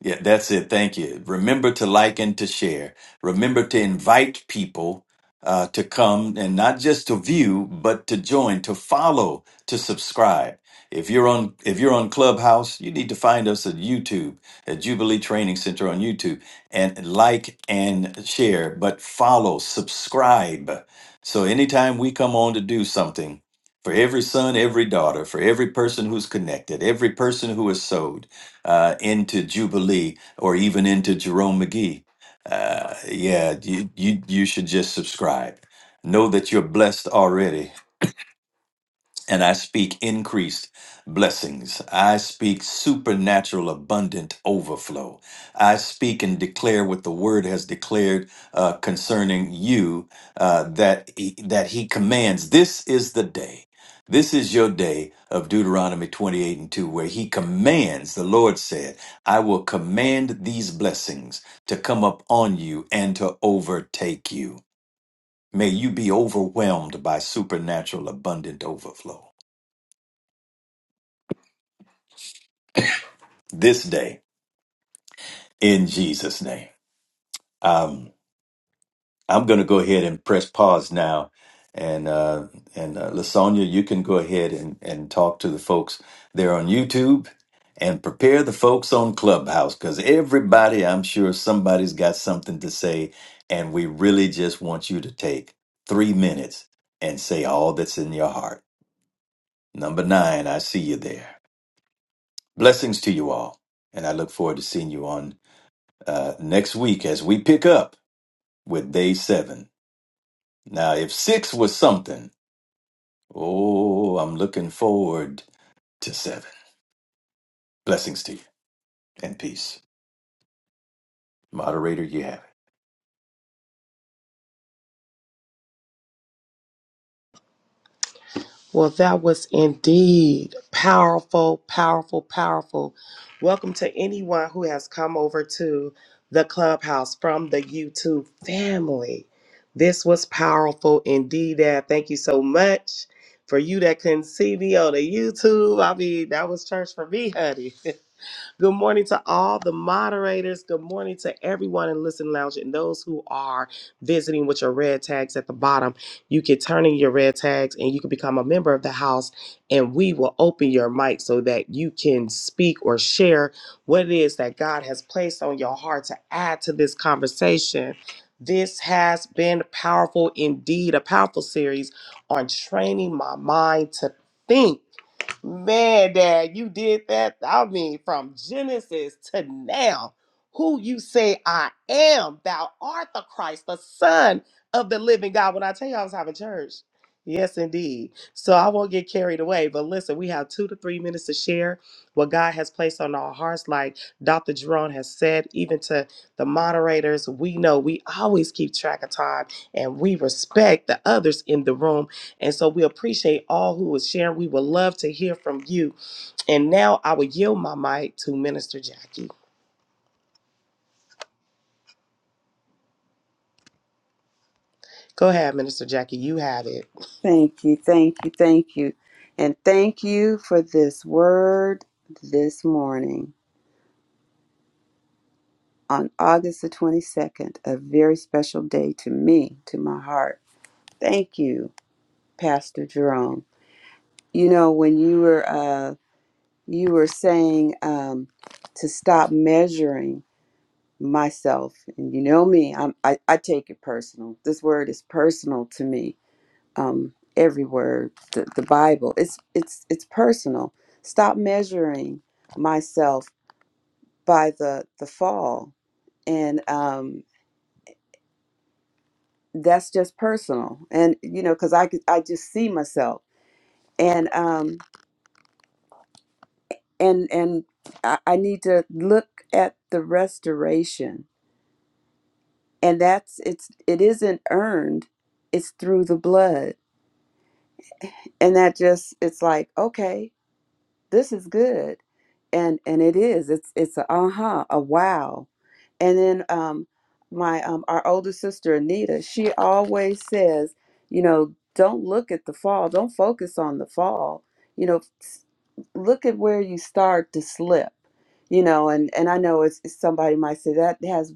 yeah, that's it. Thank you. Remember to like and to share. Remember to invite people uh, to come and not just to view, but to join, to follow, to subscribe. If you're on if you're on Clubhouse, you need to find us at YouTube at Jubilee Training Center on YouTube and like and share, but follow, subscribe. So anytime we come on to do something, for every son, every daughter, for every person who's connected, every person who is sowed uh, into Jubilee or even into Jerome McGee, uh, yeah, you, you you should just subscribe. Know that you're blessed already and I speak increased blessings. I speak supernatural, abundant overflow. I speak and declare what the Word has declared uh, concerning you uh, that he, that He commands. This is the day. This is your day of Deuteronomy 28 and 2, where he commands, the Lord said, I will command these blessings to come up on you and to overtake you. May you be overwhelmed by supernatural abundant overflow. this day in Jesus' name. Um, I'm going to go ahead and press pause now, and uh, and uh, Lasonia, you can go ahead and and talk to the folks there on YouTube, and prepare the folks on Clubhouse because everybody, I'm sure somebody's got something to say, and we really just want you to take three minutes and say all that's in your heart. Number nine, I see you there. Blessings to you all, and I look forward to seeing you on uh, next week as we pick up. with day seven. Now, if six was something, oh, I'm looking forward to seven. Blessings to you and peace. Moderator, you have it. Well, that was indeed powerful, powerful, powerful. Welcome to anyone who has come over to the clubhouse from the YouTube family. This was powerful indeed. Dad. Thank you so much for you that couldn't see me on the YouTube. I mean, that was church for me, honey. [laughs] Good morning to all the moderators. Good morning to everyone in Listen Lounge and those who are visiting with your red tags at the bottom. You can turn in your red tags and you can become a member of the house, and we will open your mic so that you can speak or share what it is that God has placed on your heart to add to this conversation. This has been powerful indeed, a powerful series on training my mind to think. Man, Dad, you did that. I mean, from Genesis to now, who you say I am, thou art the Christ, the Son of the living God. When I tell you I was having church, yes, indeed. So I won't get carried away. But listen, we have two to three minutes to share what God has placed on our hearts. Like Dr. Jerome has said, even to the moderators, we know we always keep track of time and we respect the others in the room and so we appreciate all who is sharing. We would love to hear from you. And now I will yield my mic to Minister Jackie. Go ahead, Minister Jackie. You have it. Thank you, thank you, thank you. And thank you for this word this morning on August the 22nd, a very special day to me, to my heart. Thank you, Pastor Jerome. you know when you were uh you were saying um to stop measuring myself and you know me I'm, I, I take it personal this word is personal to me um every word the, the bible it's it's it's personal stop measuring myself by the the fall and um that's just personal and you know because i could i just see myself and um and and I, I need to look at the restoration and that's it's it isn't earned it's through the blood and that just it's like okay this is good and and it is it's it's a uh-huh a wow and then um my um our older sister anita she always says you know don't look at the fall don't focus on the fall you know s- look at where you start to slip you know and and i know it's, it's somebody might say that has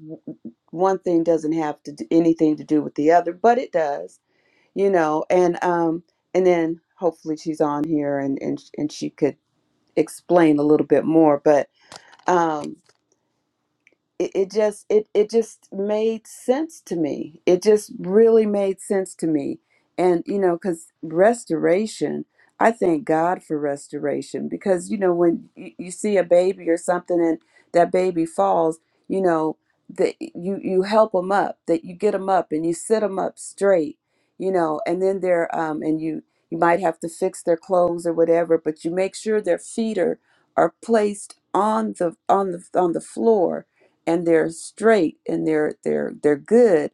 one thing doesn't have to do anything to do with the other but it does you know and um and then hopefully she's on here and and, and she could explain a little bit more. But um, it, it just it it just made sense to me. It just really made sense to me. And you know, because restoration, I thank God for restoration because you know when you, you see a baby or something and that baby falls, you know that you you help them up, that you get them up and you sit them up straight, you know, and then they're um and you you might have to fix their clothes or whatever, but you make sure their feet are are placed on the on the on the floor and they're straight and they're they're they're good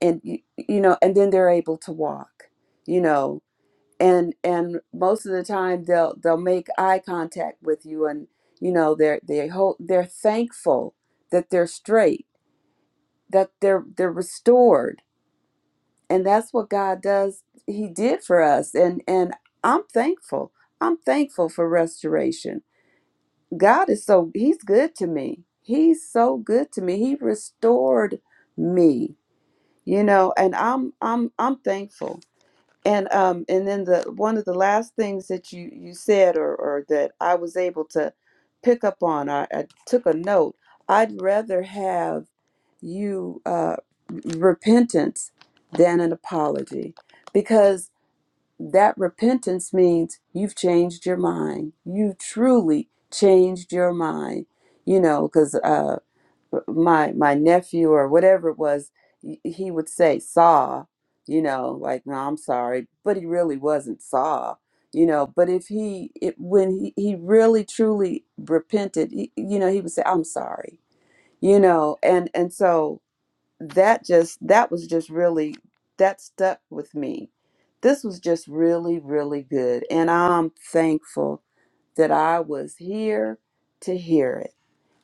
and you, you know and then they're able to walk you know and and most of the time they'll they'll make eye contact with you and you know they're they hold they're thankful that they're straight that they're they're restored and that's what God does he did for us and and I'm thankful I'm thankful for restoration God is so he's good to me he's so good to me he restored me you know and i'm i'm i'm thankful and um and then the one of the last things that you you said or or that i was able to pick up on i, I took a note i'd rather have you uh repentance than an apology because that repentance means you've changed your mind you truly changed your mind you know because my my nephew or whatever it was y- he would say saw you know like no i'm sorry but he really wasn't saw you know but if he it, when he, he really truly repented he, you know he would say i'm sorry you know and and so that just that was just really that stuck with me this was just really really good and i'm thankful that i was here to hear it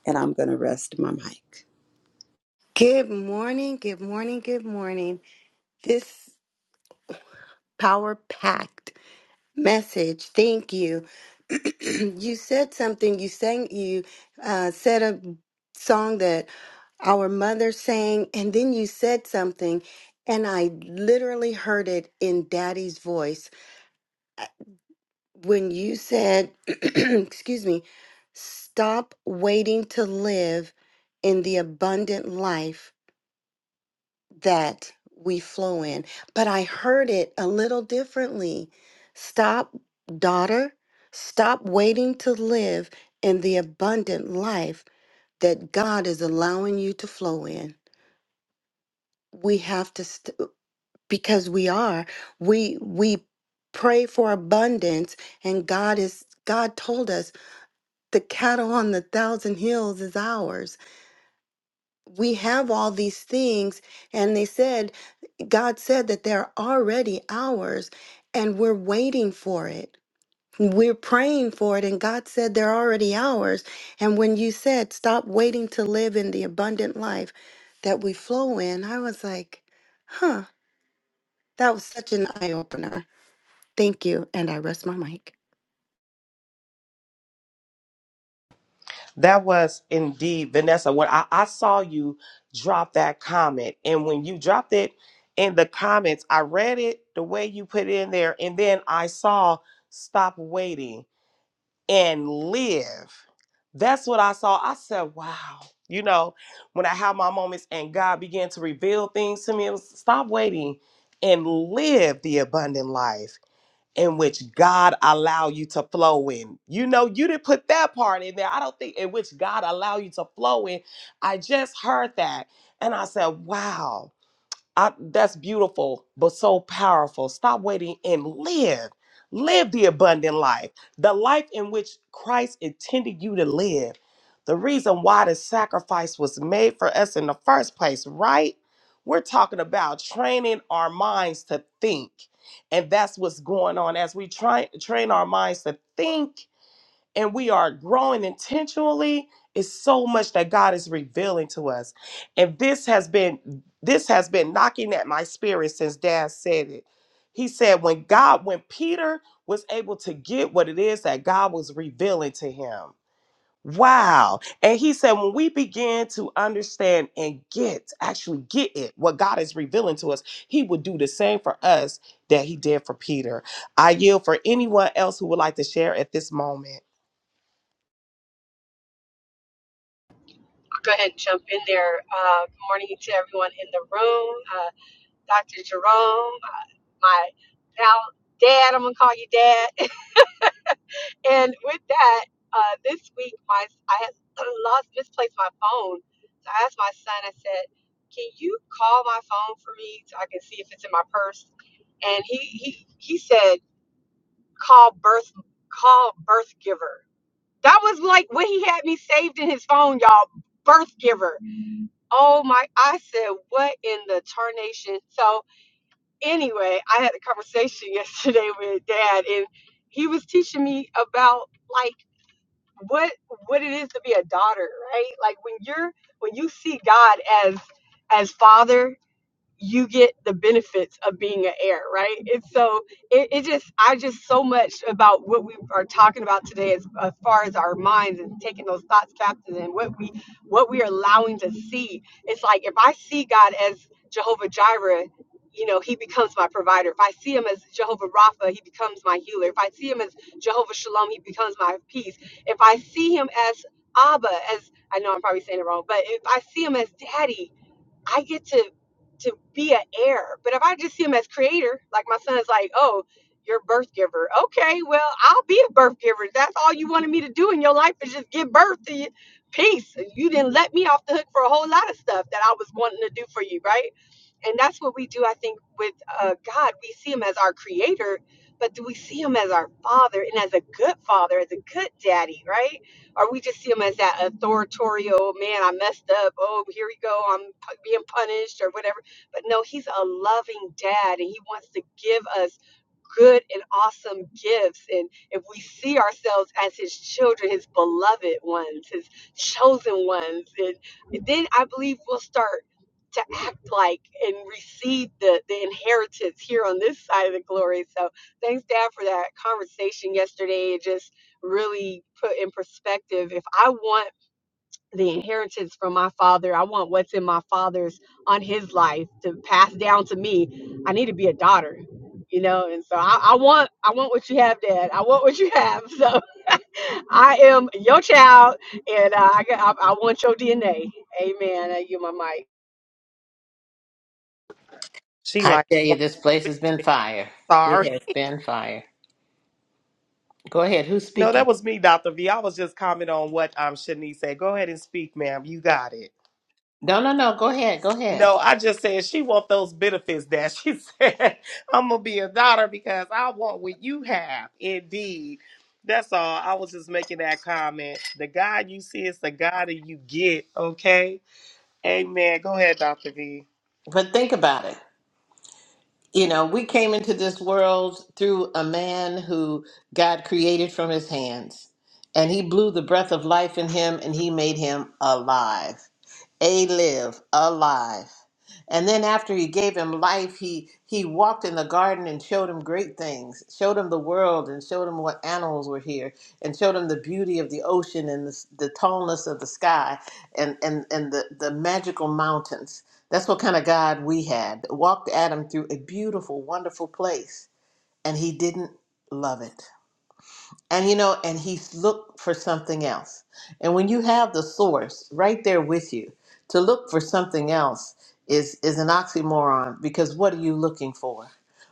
and i'm going to rest my mic good morning good morning good morning this power packed message thank you [clears throat] you said something you sang you uh, said a song our mother saying, and then you said something, and I literally heard it in daddy's voice. Uh, When you said, [clears throat] excuse me, stop waiting to live in the abundant life that we flow in. But I heard it a little differently. Stop, daughter, stop waiting to live in the abundant life that God is allowing you to flow in we have to. because we are we we pray for abundance and god is god told us the cattle on the thousand hills is ours we have all these things and they said god said that they're already ours and we're waiting for it we're praying for it and god said they're already ours and when you said stop waiting to live in the abundant life that we flow in i was like huh that was such an eye-opener Thank you, and I rest my mic. That was indeed Vanessa. When I, I saw you drop that comment, and when you dropped it in the comments, I read it the way you put it in there, and then I saw stop waiting. and live. That's what I saw. I said, wow. You know, when I have my moments and God began to reveal things to me, it was stop waiting and live the abundant life in which God allow you to flow in. You know, you didn't put that part in there. I don't think in which God allow you to flow in. I just heard that and I said, wow. I, that's beautiful, but so powerful. Stop waiting and live. Live the abundant life, the life in which Christ intended you to live. The reason why the sacrifice was made for us in the first place, right? We're talking about training our minds to think. And that's what's going on as we try train our minds to think and we are growing intentionally It's so much that God is revealing to us. And this has been this has been knocking at my spirit since dad said it. He said when God when Peter was able to get what it is that God was revealing to him. Wow. And he said when we begin to understand and get actually get it what God is revealing to us, he would do the same for us that he did for Peter. I yield for anyone else who would like to share at this moment. go ahead and jump in there. Uh, good morning to everyone in the room. Uh, Dr. Jerome, uh, my now dad, I'm gonna call you dad. [laughs] and with that, uh, this week my I had [clears throat] lost misplaced my phone. So I asked my son. I said, "Can you call my phone for me so I can see if it's in my purse?" And he he he said, "Call birth call birth giver." That was like what he had me saved in his phone, y'all. Birth giver. Oh my, I said, what in the tarnation? So, anyway, I had a conversation [laughs] yesterday with dad, and he was teaching me about like what what it is to be a daughter, right? Like when you're when you see God as as father you get the benefits of being an heir, right? And so it, it just, I just so much about what we are talking about today as, as far as our minds and taking those thoughts captive and what we, what we are allowing to see. It's like, if I see God as Jehovah Jireh, you know, he becomes my provider. If I see him as Jehovah Rapha, he becomes my healer. If I see him as Jehovah Shalom, he becomes my peace. If I see him as Abba, as I know I'm probably saying it wrong, but if I see him as daddy, I get to to be an heir. But if I just see him as creator, like my son's like, oh, you're a birth giver. Okay, well, I'll be a birth giver. That's all you wanted me to do in your life is just give birth to you. Peace. You didn't let me off the hook for a whole lot of stuff that I was wanting to do for you, right? And that's what we do, I think, with uh, God. We see Him as our creator, but do we see Him as our father and as a good father, as a good daddy, right? Or we just see Him as that authoritarian, man, I messed up. Oh, here we go. I'm pu- being punished or whatever. But no, He's a loving dad and He wants to give us good and awesome gifts. And if we see ourselves as His children, His beloved ones, His chosen ones, and then I believe we'll start to act like and receive the, the inheritance here on this side of the glory. So thanks, Dad, for that conversation yesterday. It just really put in perspective if I want the inheritance from my father, I want what's in my father's on his life to pass down to me. I need to be a daughter. You know, and so I, I want I want what you have, Dad. I want what you have. So [laughs] I am your child, and uh, I, got- I I want your DNA. Amen. I give my mic. She I like, tell "I'm you, this place has been fire. It sorry. [laughs] has been fire. Go ahead. Who's No, that speaking? was me, Dr. V. I was just commenting on what um Shanice said. Go ahead and speak, ma'am. You got it. No, no, no. Go ahead. Go ahead. No, I just said she want those benefits that she [laughs] said I'm gonna be a daughter because I want what you have. Indeed. That's all. I was just making that comment. The God you see is the God that you get, okay? Amen. Go ahead, Dr. V. But think about it. You know, we came into this world through a man who God created from his hands, and he blew the breath of life in him and he made him alive. A live, alive. And then after he gave him life, he he walked in the garden and showed him great things, showed him the world and showed him what animals were here and showed him the beauty of the ocean and the, s- the tallness of the sky and and and the, the magical mountains. That's what kind of God we had. Walked Adam through a beautiful, wonderful place and he didn't love it and you know and he's looked for something else and when you have the source right there with you to look for something else is is an oxymoron because what are you looking for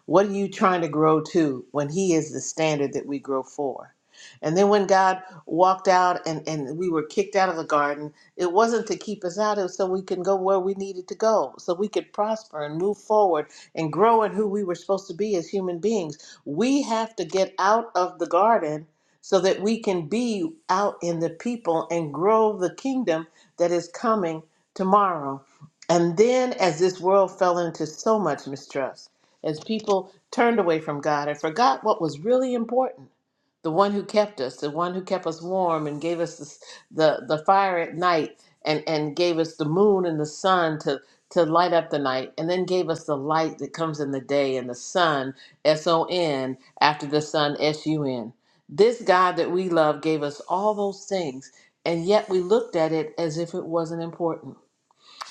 what are you trying to grow to when he is the standard that we grow for and then when god walked out and and we were kicked out of the garden it wasn't to keep us out it was so we can go where we needed to go so we could prosper and move forward and grow in who we were supposed to be as human beings we have to get out of the garden so that we can be out in the people and grow the kingdom that is coming tomorrow. And then, as this world fell into so much mistrust, as people turned away from God and forgot what was really important the one who kept us, the one who kept us warm and gave us the, the, the fire at night and, and gave us the moon and the sun to, to light up the night, and then gave us the light that comes in the day and the sun, S O N, after the sun, S U N. This God that we love gave us all those things, and yet we looked at it as if it wasn't important.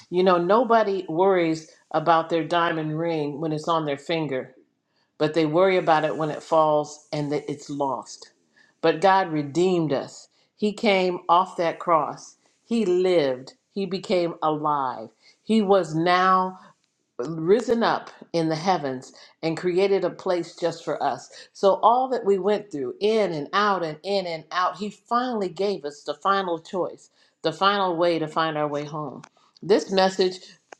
You know, nobody worries about their diamond ring when it's on their finger, but they worry about it when it falls and that it's lost. But God redeemed us. He came off that cross. He lived. He became alive. He was now risen up in the heavens and created a place just for us. So, all that we went through, in and out and in and out, He finally gave us the final choice, the final way to find our way home. This message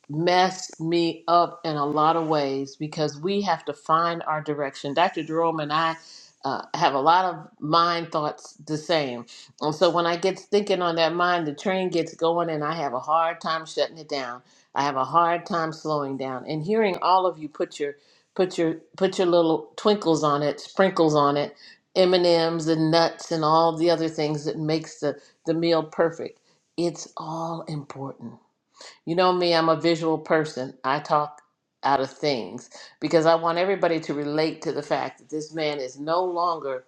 messed me up in a lot of ways because we have to find our direction. Dr. Jerome and I. Uh, have a lot of mind thoughts the same. And so when I get thinking on that mind, the train gets going and I have a hard time shutting it down. I have a hard time slowing down and hearing all of you put your put your put your little twinkles on it, sprinkles on it, M and M's and nuts and all the other things that makes the the meal perfect. It's all important. You know me, I'm a visual person. I talk out of things because I want everybody to relate to the fact that this man is no longer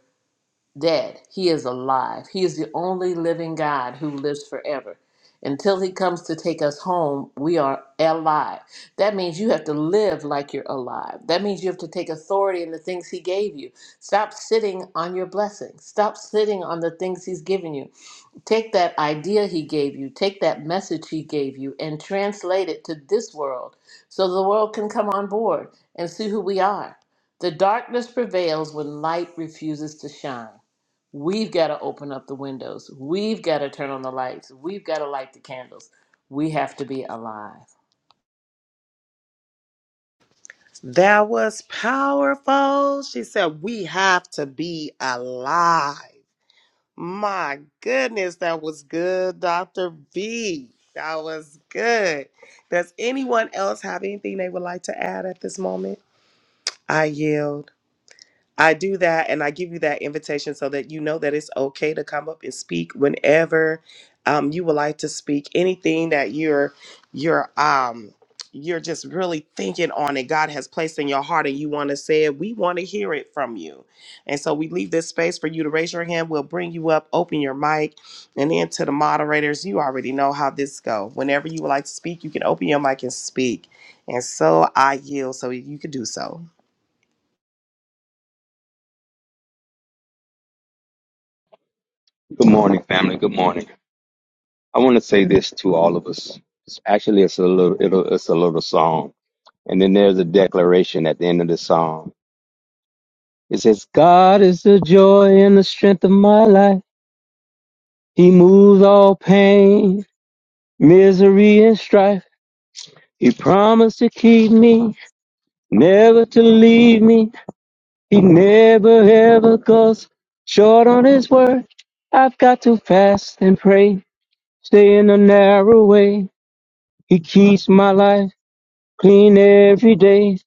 dead. He is alive. He is the only living God who lives forever. Until he comes to take us home, we are alive. That means you have to live like you're alive. That means you have to take authority in the things he gave you. Stop sitting on your blessings. Stop sitting on the things he's given you. Take that idea he gave you, take that message he gave you, and translate it to this world so the world can come on board and see who we are. The darkness prevails when light refuses to shine. We've got to open up the windows. We've got to turn on the lights. We've got to light the candles. We have to be alive. That was powerful. She said, We have to be alive. My goodness, that was good, Dr. V. That was good. Does anyone else have anything they would like to add at this moment? I yield. I do that and I give you that invitation so that you know that it's okay to come up and speak whenever um, you would like to speak. Anything that you're you're um you're just really thinking on and God has placed in your heart and you want to say it, we want to hear it from you. And so we leave this space for you to raise your hand. We'll bring you up, open your mic, and then to the moderators, you already know how this go. Whenever you would like to speak, you can open your mic and speak. And so I yield so you can do so. Good morning, family. Good morning. I want to say this to all of us. It's actually, it's a little, it'll, it's a little song, and then there's a declaration at the end of the song. It says, "God is the joy and the strength of my life. He moves all pain, misery, and strife. He promised to keep me, never to leave me. He never ever goes short on His word. I've got to fast and pray, stay in the narrow way. He keeps my life." clean every day.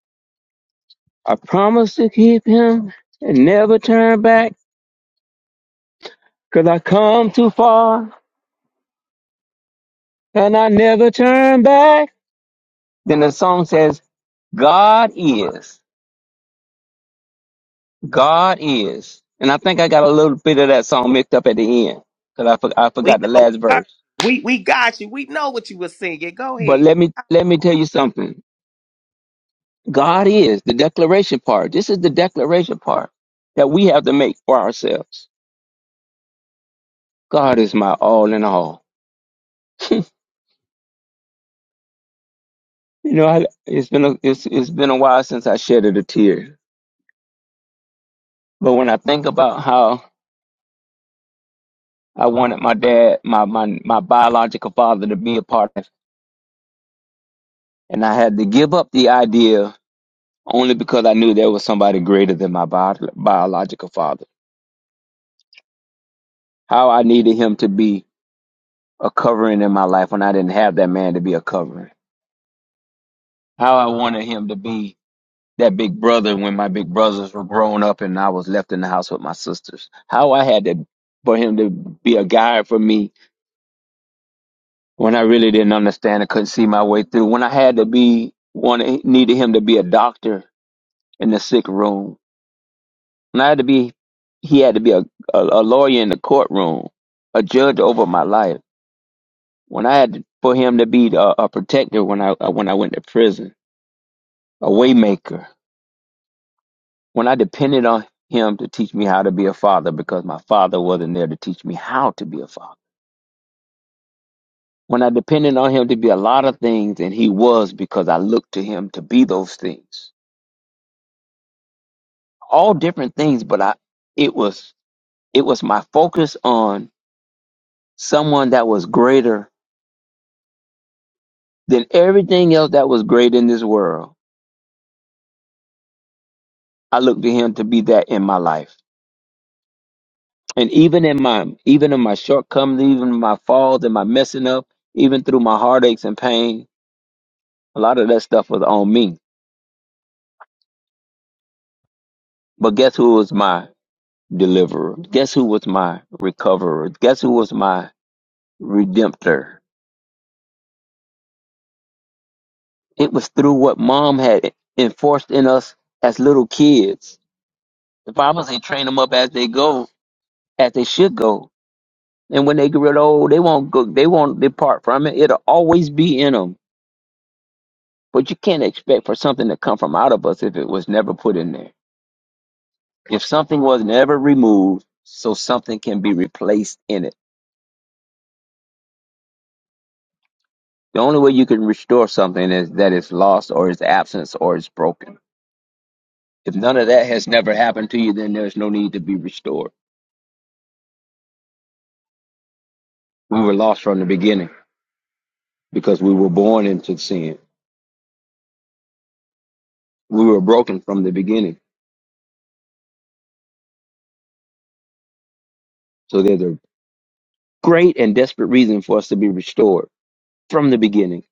I promise to keep him and never turn back. Cause I come too far and I never turn back. Then the song says, God is, God is. And I think I got a little bit of that song mixed up at the end. Cause I, for, I We forgot the know last we heard. verse. you. We we got you. We know what you were singing. Go But ahead. let me, let me tell you something. God is the declaration part. This is the declaration part that we have to make for ourselves. God is my all in all. You know, I, it's been a, it's it's been a while since I shedded a tear. But when I think about how I wanted my dad, my my my biological father, to be a part of, and I had to give up the idea only because I knew there was somebody greater than my bio, biological father. How I needed him to be a covering in my life when I didn't have that man to be a covering. How I wanted him to be that big brother when my big brothers were grown up and I was left in the house with my sisters. How I had to for him to be a guide for me when I really didn't understand, I couldn't see my way through. When I had to be, wanted needed him to be a doctor in the sick room. When I had to be, he had to be a, a, a lawyer in the courtroom, a judge over my life. When I had to, for him to be a, a protector when I uh, when I went to prison, a waymaker. When I depended on him to teach me how to be a father because my father wasn't there to teach me how to be a father. When I depended on him to be a lot of things, and he was because I looked to him to be those things all different things, but I it was it was my focus on someone that was greater than everything else that was great in this world. I looked to him to be that in my life. And even in my even in my shortcomings, even my falls and my messing up, even through my heartaches and pain, a lot of that stuff was on me. But guess who was my deliverer? Guess who was my recoverer? Guess who was my redemptor? It was through what mom had enforced in us as little kids. The Bible say train them up as they go, as they should go. And when they get old, they won't go, they won't depart from it. It'll always be in them. But you can't expect for something to come from out of us if it was never put in there. If something was never removed, so something can be replaced in it. The only way you can restore something is that it's lost or it's absent or it's broken. If none of that has never happened to you, then there's no need to be restored. We were lost from the beginning. because we were born into sin. We were broken from the beginning. So there's a great and desperate reason for us to be restored from the beginning.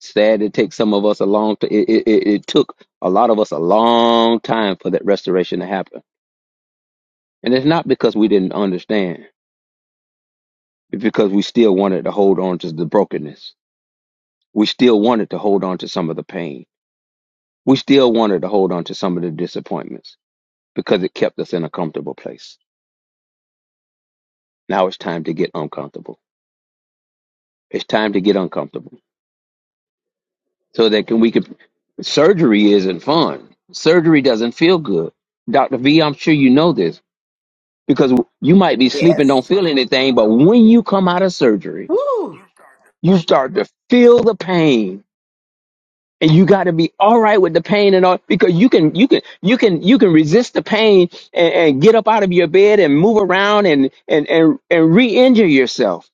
Sad it takes some of us a long t- it, it, it it took a lot of us a long time for that restoration to happen. And it's not because we didn't understand. It's because we still wanted to hold on to the brokenness. We still wanted to hold on to some of the pain. We still wanted to hold on to some of the disappointments because it kept us in a comfortable place. Now it's time to get uncomfortable. It's time to get uncomfortable so that can we could surgery isn't fun surgery doesn't feel good dr v i'm sure you know this because you might be sleeping Yes. don't feel anything but when you come out of surgery Woo! you start to feel the pain and you got to be all right with the pain and all because you can you can you can you can resist the pain and, and get up out of your bed and move around and and and, and re-injure yourself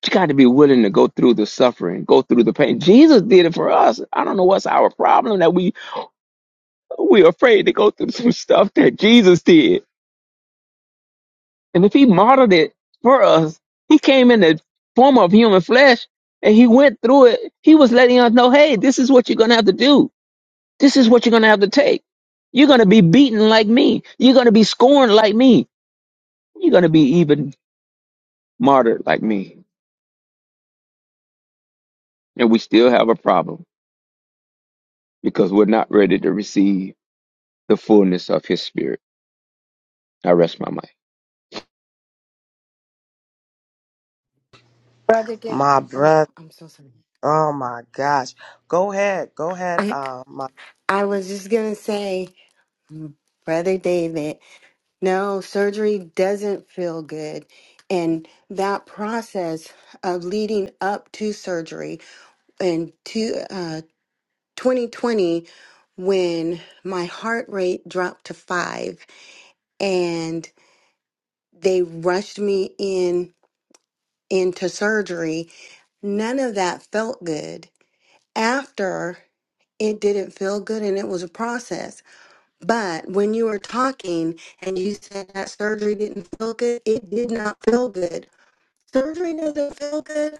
but you got to be willing to go through the suffering go through the pain jesus did it for us i don't know what's our problem that we We're afraid to go through some stuff that Jesus did. And if he modeled it for us, he came in the form of human flesh and he went through it. He was letting us know, hey, this is what you're going to have to do. This is what you're going to have to take. You're going to be beaten like me. You're going to be scorned like me. You're going to be even martyred like me. And we still have a problem because we're not ready to receive the fullness of his spirit. I rest my mind. Brother Dave, My oh, brother. I'm so sorry. Oh my gosh. Go ahead. Go ahead. I, Uh, my I was just gonna say, mm, Brother David, no, surgery doesn't feel good. And that process of leading up to surgery in two, uh, 2020, when my heart rate dropped to five and they rushed me in into surgery, none of that felt good. After it didn't feel good and it was a process. But when you were talking and you said that surgery didn't feel good, it did not feel good. Surgery doesn't feel good,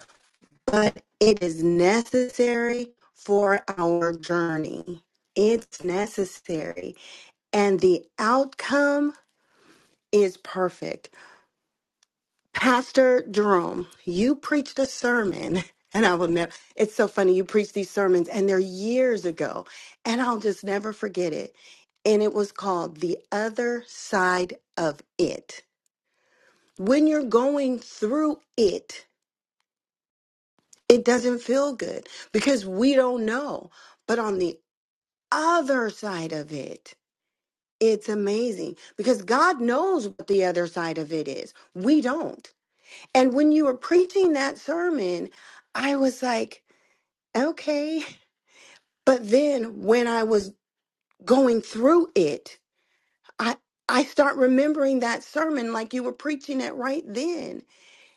but it is necessary for our journey. It's necessary. And the outcome is perfect. Pastor Jerome, you preached a sermon, [laughs] and I will never. It's so funny. You preached these sermons, and they're years ago, and I'll just never forget it. And it was called The Other Side of It. When you're going through it, it doesn't feel good because we don't know. But on the other side of it, it's amazing because God knows what the other side of it is. We don't. And when you were preaching that sermon, I was like, okay. But then when I was going through it, I I start remembering that sermon like you were preaching it right then.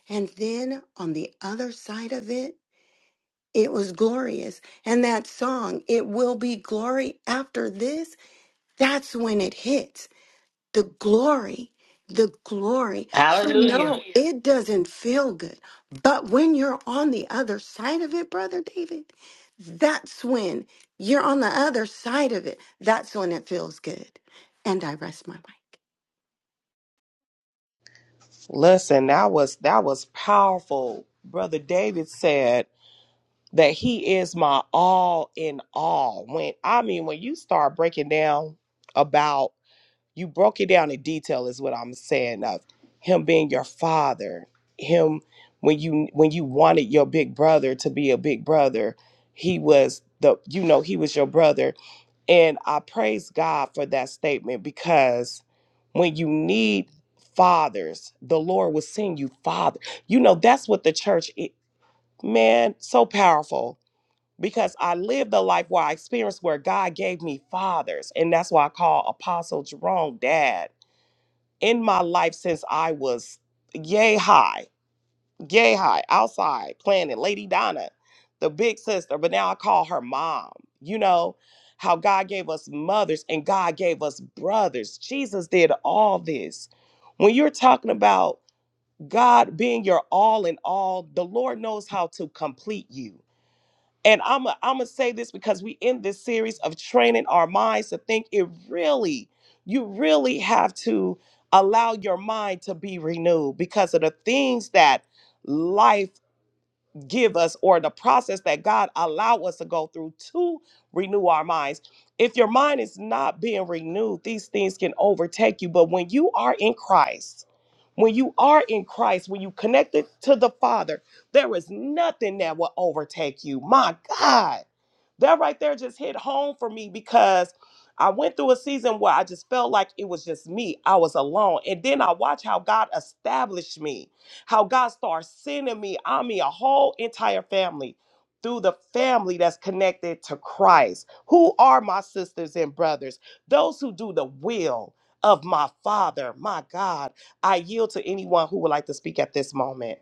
And then on the other side of it, it was glorious. And that song, It Will Be Glory After This, that's when it hits the glory the glory so Yeah. Hallelujah. no it doesn't feel good but when you're on the other side of it brother david that's when you're on the other side of it that's when it feels good and i rest my mind Listen, that was that was powerful. Brother David said that he is my all in all. When I mean when you start breaking down about You broke it down in detail is what I'm saying of him being your father, him when you when you wanted your big brother to be a big brother, he was the you know, he was your brother. And I praise God for that statement because when you need fathers, the Lord will send you father. You know, that's what the church i- man, so powerful because I lived a life where I experienced where God gave me fathers. And that's why I call Apostle Jerome dad in my life since I was yay high, yay high, outside playing at Lady Donna, the big sister, but now I call her mom. You know how God gave us mothers and God gave us brothers. Jesus did all this. When you're talking about God being your all in all, the Lord knows how to complete you. And I'm i I'm gonna say this because we in this series of training our minds to think. It really, you really have to allow your mind to be renewed because of the things that life give us or the process that God allow us to go through to renew our minds. If your mind is not being renewed, these things can overtake you. But when you are in Christ, when you are in Christ, when you connected to the Father, there is nothing that will overtake you. My God. That right there just hit home for me because I went through a season where I just felt like it was just me. I was alone. And then I watched how God established me how God starts sending me, I mean, a whole entire family through the family that's connected to Christ. Who are my sisters and brothers? Those who do the will of my Father. My God, I yield to anyone who would like to speak at this moment.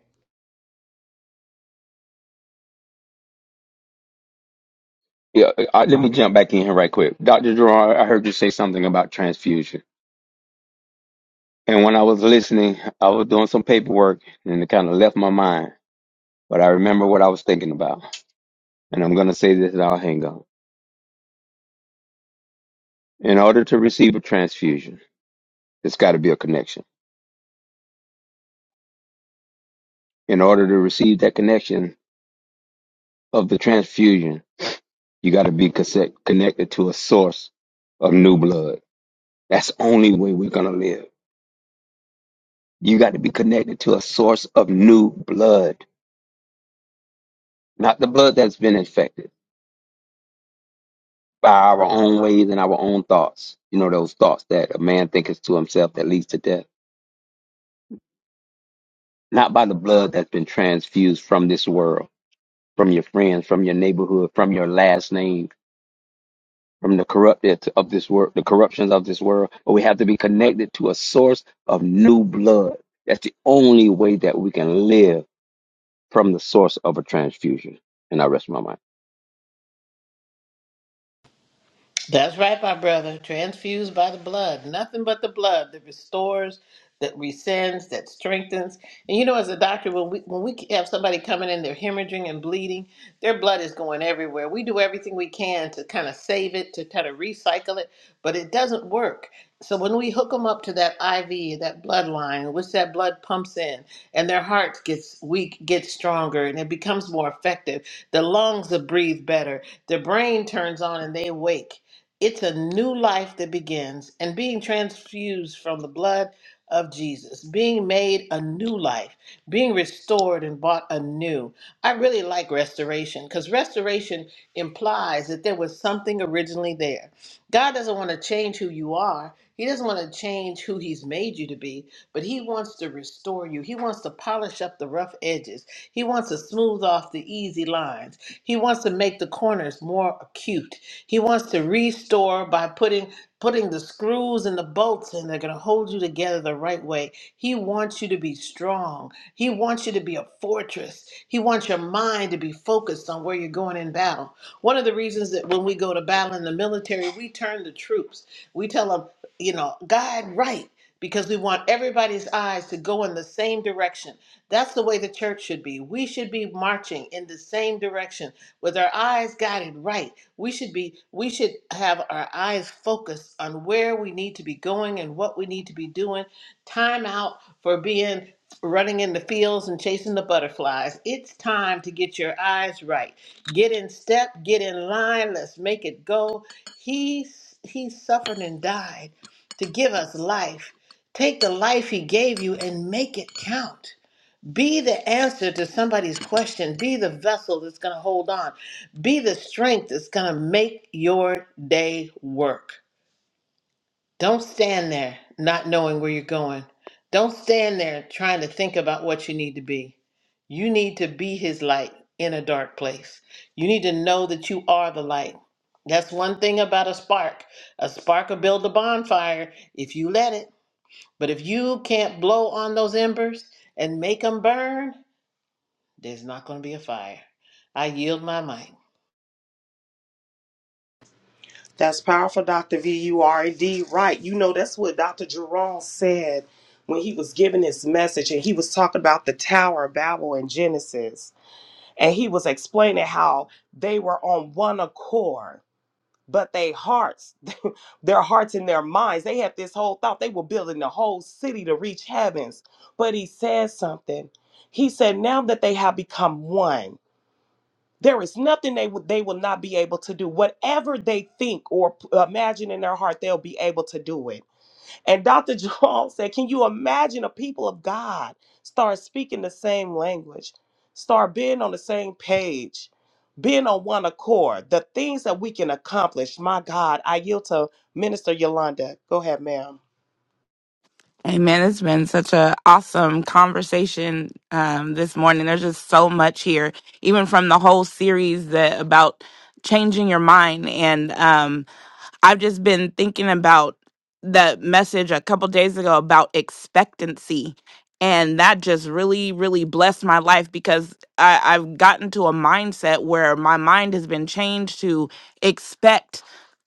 Yeah, I, let me jump back in here right quick. Dr. Gerard, I heard you say something about transfusion. And when I was listening, I was doing some paperwork and it kind of left my mind. But I remember what I was thinking about. And I'm going to say this and I'll hang up. In order to receive a transfusion, it's got to be a connection. In order to receive that connection of the transfusion, you got to be conse- connected to a source of new blood. That's the only way we're going to live. You got to be connected to a source of new blood not the blood that's been infected by our own ways and our own thoughts. You know, those thoughts that a man thinketh to himself that leads to death. Not by the blood that's been transfused from this world, from your friends, from your neighborhood, from your last name, from the corrupted of this world, the corruptions of this world. But we have to be connected to a source of new blood. That's the only way that we can live from the source of a transfusion. And I rest my mind. That's right, my brother. Transfused by the blood. Nothing but the blood that restores, that rescinds, that strengthens. And you know, as a doctor, when we when we have somebody coming in, they're hemorrhaging and bleeding, their blood is going everywhere. We do everything we can to kind of save it, to kind of recycle it, but it doesn't work. So when we hook them up to that IV, that bloodline, which that blood pumps in, and their heart gets weak, gets stronger, and it becomes more effective. The lungs that breathe better. The brain turns on and they wake it's a new life that begins and being transfused from the blood of Jesus, being made a new life, being restored and bought anew. I really like restoration because restoration implies that there was something originally there. God doesn't want to change who you are, He doesn't want to change who He's made you to be, but He wants to restore you. He wants to polish up the rough edges, He wants to smooth off the easy lines, He wants to make the corners more acute. He wants to restore by putting putting the screws and the bolts and they're going to hold you together the right way. He wants you to be strong. He wants you to be a fortress. He wants your mind to be focused on where you're going in battle. One of the reasons that when we go to battle in the military, we turn the troops. We tell them, you know, guide right because we want everybody's eyes to go in the same direction. That's the way the church should be. We should be marching in the same direction with our eyes guided right we should be we should have our eyes focused on where we need to be going and what we need to be doing time out for being running in the fields and chasing the butterflies it's time to get your eyes right get in step get in line let's make it go he he suffered and died to give us life take the life he gave you and make it count be the answer to somebody's question. Be the vessel that's going to hold on. Be the strength that's going to make your day work. Don't stand there not knowing where you're going. Don't stand there trying to think about what you need to be. You need to be his light in a dark place. You need to know that you are the light. That's one thing about a spark. A spark will build a bonfire if you let it. But if you can't blow on those embers and make them burn, there's not going to be a fire. I yield my mic. That's powerful, Dr. V. You are indeed right. You know, that's what Dr. Jerome said when he was giving his message and he was talking about the Tower of Babel in Genesis. And he was explaining how they were on one accord but they hearts [laughs] their hearts and their minds they had this whole thought they were building the whole city to reach heavens but he said something he said now that they have become one there is nothing they would they will not be able to do whatever they think or p- imagine in their heart they'll be able to do it and Dr. Jerome [laughs] said, Can you imagine a people of God start speaking the same language, start being on the same page, being on one accord? The things that we can accomplish. My God, I yield to Minister Yolanda. Go ahead, ma'am. Amen. It's been such a awesome conversation um, this morning. There's just so much here, even from the whole series that about changing your mind and um, I've just been thinking about the message a couple days ago about expectancy. And that just really, really blessed my life because I, I've gotten to a mindset where my mind has been changed to expect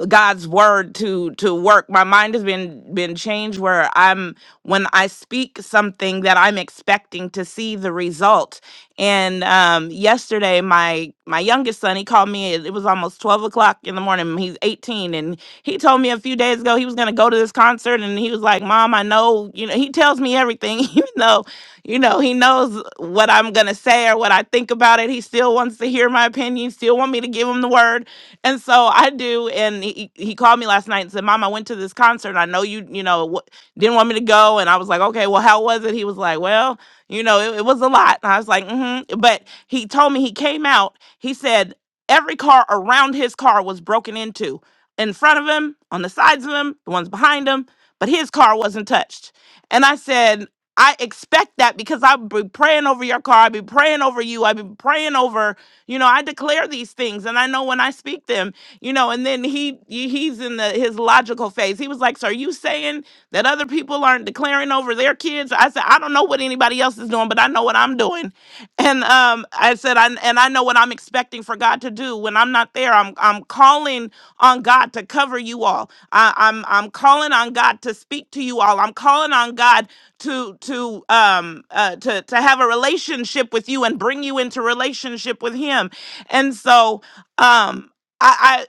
God's word to to work. My mind has been been changed where I'm when I speak something that I'm expecting to see the result and um, yesterday, my my youngest son, he called me. It it was almost twelve o'clock in the morning. He's eighteen, and he told me a few days ago he was going to go to this concert. And he was like, "Mom, I know. You know, he tells me everything, [laughs] even though, you know, he knows what I'm going to say or what I think about it. He still wants to hear my opinion. Still want me to give him the word. And so I do. And he he he called me last night and said, "Mom, I went to this concert. I know you, you know, w- didn't want me to go." And I was like, "Okay, well, how was it?" He was like, "Well." You know, it, it was a lot. I was like, mm-hmm. But he told me he came out. He said every car around his car was broken into, in front of him, on the sides of him, the ones behind him, but his car wasn't touched. And I said, I expect that because I'll be praying over your car. I'll be praying over you. I'll be praying over, you know, I declare these things and I know when I speak them, you know, and then he he- he's in the his logical phase. He was like, So are you saying that other people aren't declaring over their kids. I said, I don't know what anybody else is doing, but I know what I'm doing. And um, I said, I, and I know what I'm expecting for God to do. When I'm not there, I'm I'm calling on God to cover you all. I, I'm I'm calling on God to speak to you all. I'm calling on God to to um uh, to to have a relationship with you and bring you into relationship with Him. And so um. I,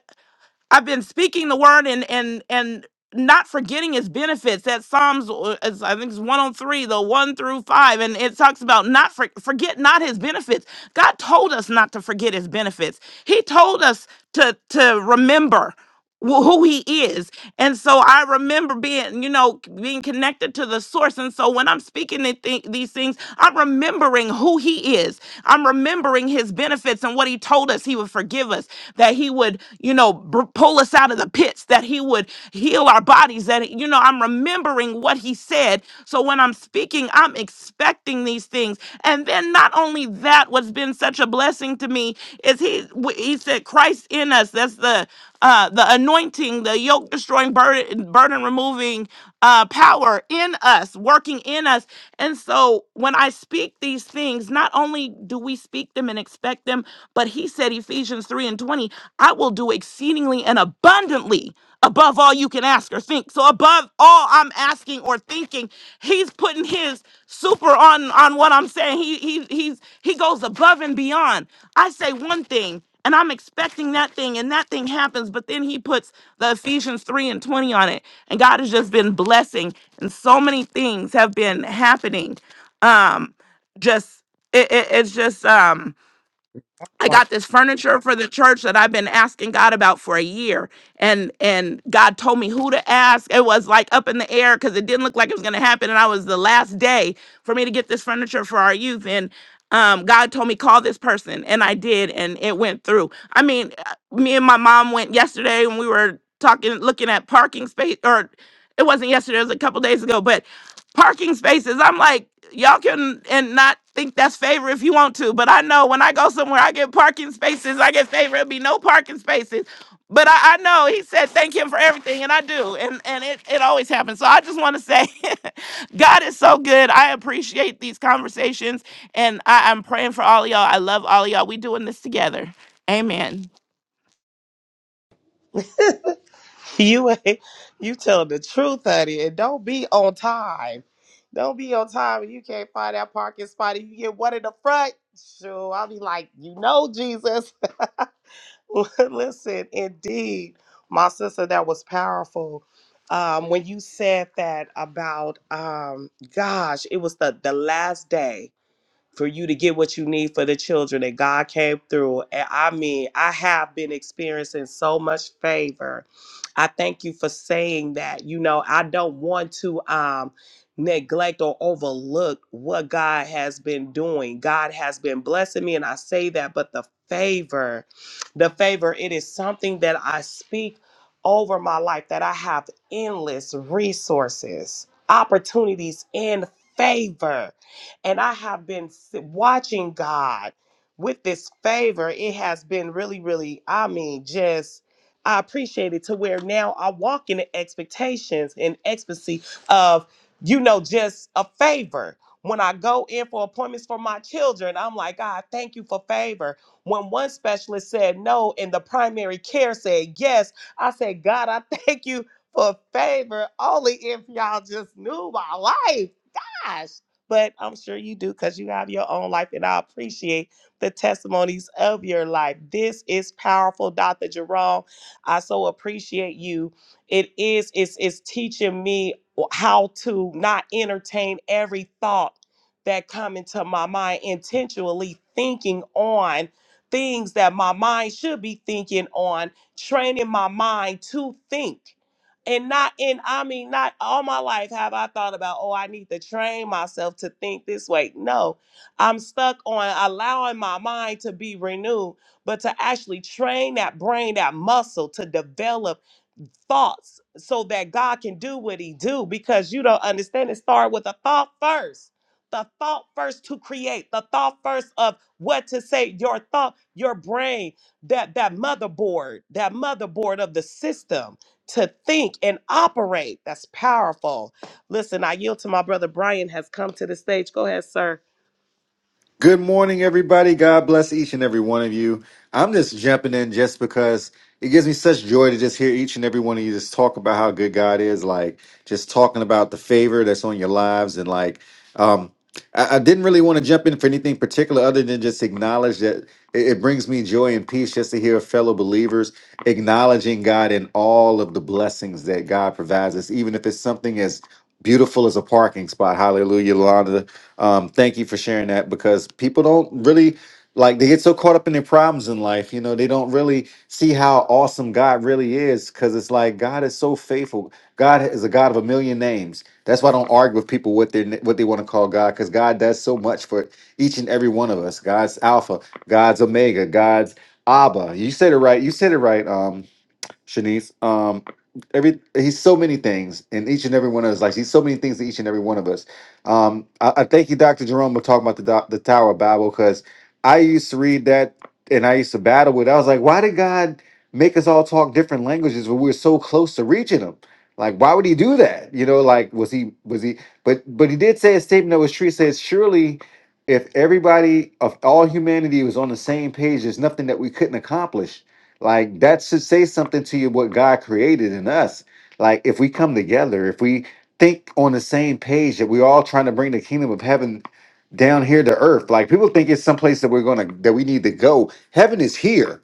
I've been speaking the word and and and not forgetting his benefits. That Psalms, uh, is- I think it's 103, the one through five, and it talks about not for, forget not his benefits. God told us not to forget his benefits. He told us to to remember wh- who he is. And so I remember being, you know, being connected to the source. And so when I'm speaking the thi- these things, I'm remembering who he is. I'm remembering his benefits and what he told us he would forgive us, that he would, you know, br- pull us out of the pits, that he would heal our bodies, that, you know, I'm remembering what he said. So when I'm speaking, I'm expecting these things. And then not only that, what's been such a blessing to me is he, w- he said, Christ in us. That's the, uh, the anointing, the yoke destroying, burden, burden removing uh, power in us, working in us. And so when I speak these things, not only do we speak them and expect them, but he said, Ephesians 3 and 20, I will do exceedingly and abundantly above all you can ask or think. So above all I'm asking or thinking, he's putting his super on on what I'm saying. He he he's he goes above and beyond. I say one thing and I'm expecting that thing, and that thing happens. But then he puts the Ephesians 3 and 20 on it, and God has just been blessing, and so many things have been happening. Um, just it, it- it's just um I Right. got [laughs] this furniture for the church that I've been asking God about for a year. And and God told me who to ask. It was like up in the air because it didn't look like it was gonna happen. And I was the last day for me to get this furniture for our youth. And um, God told me call this person, and I did, and it went through. I mean, uh, me and my mom went yesterday when we were talking, looking at parking space, or it wasn't yesterday, it was a couple days ago, but parking spaces. I'm like, y'all can and not think that's favor if you want to, but I know when I go somewhere, I get parking spaces. I get favor. It'll be no parking spaces. But I, I know he said thank him for everything, and I do, and and it, it always happens. So I just want to say, [laughs] God is so good. I appreciate these conversations, and I, I'm praying for all of y'all. I love all of y'all. We doing this together. Amen. You ain't- you tell the truth, honey, and don't be on time. Don't be on time and you can't find that parking spot. and You get one in the front. Sure, I'll be like, you know, Jesus. [laughs] Listen, indeed, my sister, that was powerful. Um, when you said that about, um, gosh, it was the the last day for you to get what you need for the children. And God came through. And I mean, I have been experiencing so much favor. I thank you for saying that. You know, I don't want to um neglect or overlook what God has been doing. God has been blessing me and I say that, but the favor, the favor, it is something that I speak over my life that I have endless resources, opportunities and favor and I have been s- watching God with this favor. It has been really, really, I mean, just. I appreciate it to where now I walk in the expectations and ecstasy of, you know, just a favor. When I go in for appointments for my children, I'm like, God, thank you for favor. When one specialist said no and the primary care said yes, I said, God, I [laughs] thank you for favor only if y'all just knew my life. Gosh but I'm sure you do because you have your own life, and I appreciate the testimonies of your life. This is powerful, Dr. Jerome. I so appreciate you. It is, it's, it's teaching me how to not entertain every thought that come into my mind intentionally thinking on things that my mind should be thinking on training my mind to think and not in, I mean, not all my life have I thought about, oh, I need to train myself to think this way. No, I'm stuck on allowing my mind to be renewed, but to actually train that brain, that muscle to develop thoughts so that God can do what he do because you don't understand it start with a thought first. The thought first to create, the thought first of what to say, your thought, your brain, that that motherboard, that motherboard of the system to think and operate. That's powerful. Listen, I yield to my brother Brian has come to the stage. Go ahead, sir. Good morning, everybody. God bless each and every one of you. I'm just jumping in just because it gives me such joy to just hear each and every one of you just talk about how good God is, like just talking about the favor that's on your lives. And like, um, I, I didn't really want to jump in for anything particular other than just acknowledge that it, it brings me joy and peace just to hear fellow believers acknowledging God and all of the blessings that God provides us, even if it's something as beautiful as a parking spot. Hallelujah, Yolanda. Um, thank you for sharing that because people don't really like they get so caught up in their problems in life. You know, they don't really see how awesome God really is because it's like God is so faithful. God is a God of a million names. That's why I don't argue with people what they what they want to call God because God does so much for each and every one of us. God's Alpha, God's Omega, God's Abba. You said it right. You said it right. Um, Shanice. Um, every he's so many things in each and every one of us. Like he's so many things to each and every one of us. Um, I, I thank you, Doctor Jerome, for talking about the doc- the Tower of Babel because I used to read that and I used to battle with. it. I was like, why did God make us all talk different languages when we were so close to reaching Him? Like, why would He do that? You know, like was He was He? But but He did say a statement that was true. He says, surely. If everybody of all humanity was on the same page, there's nothing that we couldn't accomplish like that should say something to you what God created in us. Like if we come together, if we think on the same page that we're all trying to bring the kingdom of heaven down here to earth. Like people think it's someplace that we're gonna that we need to go. Heaven is here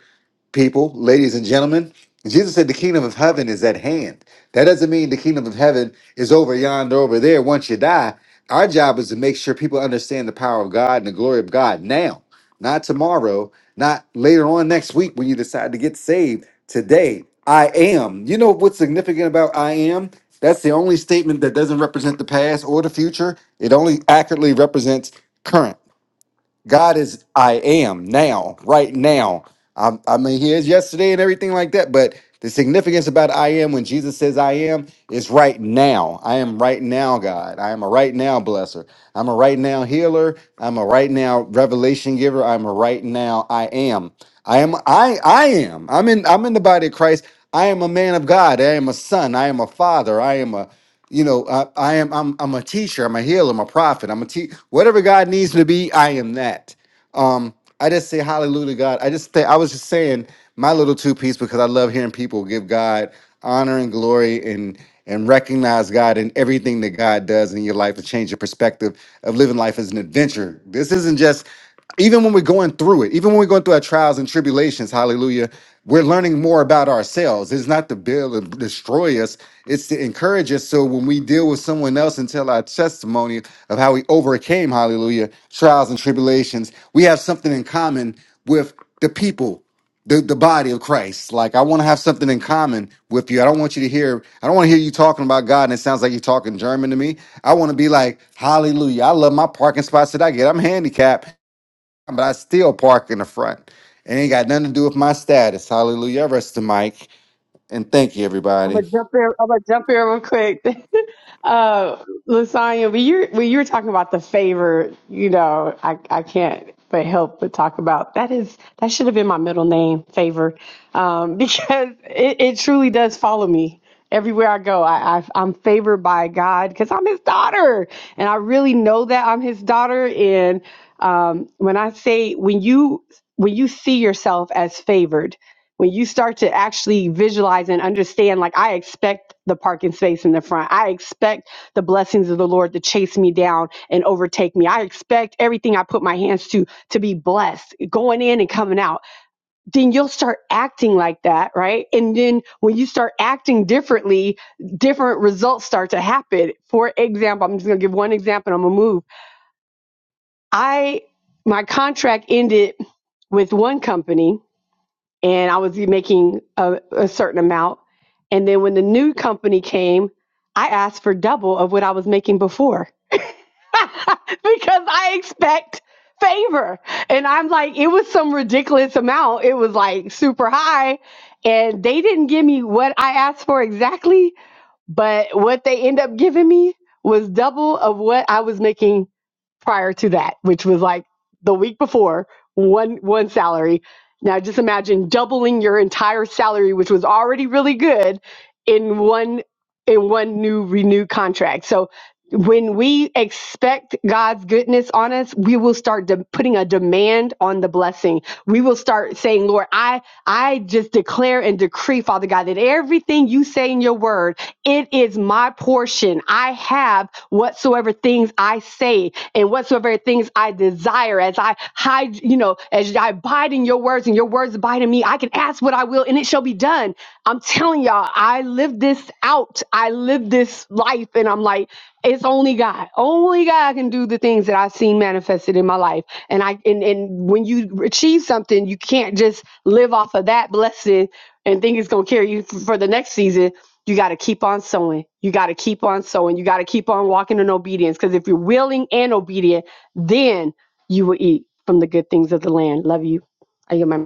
people, ladies and gentlemen. Jesus said the kingdom of heaven is at hand. That doesn't mean the kingdom of heaven is over yonder, over there once you die. Our job is to make sure people understand the power of God and the glory of God now, not tomorrow, not later on next week when you decide to get saved. Today, I am. You know what's significant about I am? That's the only statement that doesn't represent the past or the future. It only accurately represents current. God is I am now, right now. I, I mean, He is yesterday and everything like that. But the significance about I am when Jesus says I am is right now. I am right now, God. I am a right now blesser. I'm a right now healer. I'm a right now revelation giver. I'm a right now I am. I am I I am. I'm in I'm in the body of Christ. I am a man of God. I am a son. I am a father. I am a you know, I, I am I'm I'm a teacher, I'm a healer, I'm a prophet, I'm a te- whatever God needs me to be, I am that. Um, I just say hallelujah, God. I just th- I was just saying my little two piece because I love hearing people give God honor and glory and and recognize God in everything that God does in your life and change your perspective of living life as an adventure. This isn't just even when we're going through it, even when we're going through our trials and tribulations, hallelujah, we're learning more about ourselves. It's not to build and destroy us, it's to encourage us. So when we deal with someone else and tell our testimony of how we overcame, hallelujah, trials and tribulations, we have something in common with the people the, the body of Christ. Like I want to have something in common with you. I don't want you to hear, I don't want to hear you talking about God and it sounds like you're talking German to me. I want to be like, hallelujah. I love my parking spots that I get. I'm handicapped, but I still park in the front. It ain't got nothing to do with my status. Hallelujah. I rest the mic. And thank you, I'm everybody. gonna jump in. I'm gonna jump in real quick. [laughs] uh, Lasagna, when you when you were talking about the favor, you know, I I can't but help but talk about that is that should have been my middle name, favor, um, [laughs] because it, it truly does follow me. Everywhere I go, I, I I'm favored by God because I'm His daughter, and I really know that I'm His daughter. And um, when I say when you when you see yourself as favored, when you start to actually visualize and understand, like I expect the parking space in the front, I expect the blessings of the Lord to chase me down and overtake me. I expect everything I put my hands to to be blessed, going in and coming out then you'll start acting like that, right? And then when you start acting differently, different results start to happen. For example, I'm just going to give one example and I'm going to move. I, my contract ended with one company and I was making a, a certain amount. And then when the new company came, I asked for double of what I was making before [laughs] because I expect favor. And I'm like, it was some ridiculous amount. It was like super high. And they didn't give me what I asked for exactly but what they end up giving me was double of what I was making prior to that, which was like the week before, one one salary. Now just imagine doubling your entire salary, which was already really good, in one in one new renewed contract. So when we expect God's goodness on us, we will start de- putting a demand on the blessing. We will start saying, "Lord, I I just declare and decree, Father God, that everything you say in your word it is my portion. I have whatsoever things I say and whatsoever things I desire. As I hide, you know, as I abide in your words and your words abide in me, I can ask what I will and it shall be done. I'm telling y'all, I live this out. I live this life. And I'm like, it's only God. Only God can do the things that I've seen manifested in my life. And I and, and when you achieve something, you can't just live off of that blessing and think it's gonna carry you f- for the next season you got to keep on sowing. You got to keep on sowing. You got to keep on walking in obedience. Because if you're willing and obedient, then you will eat from the good things of the land. Love you. I get my.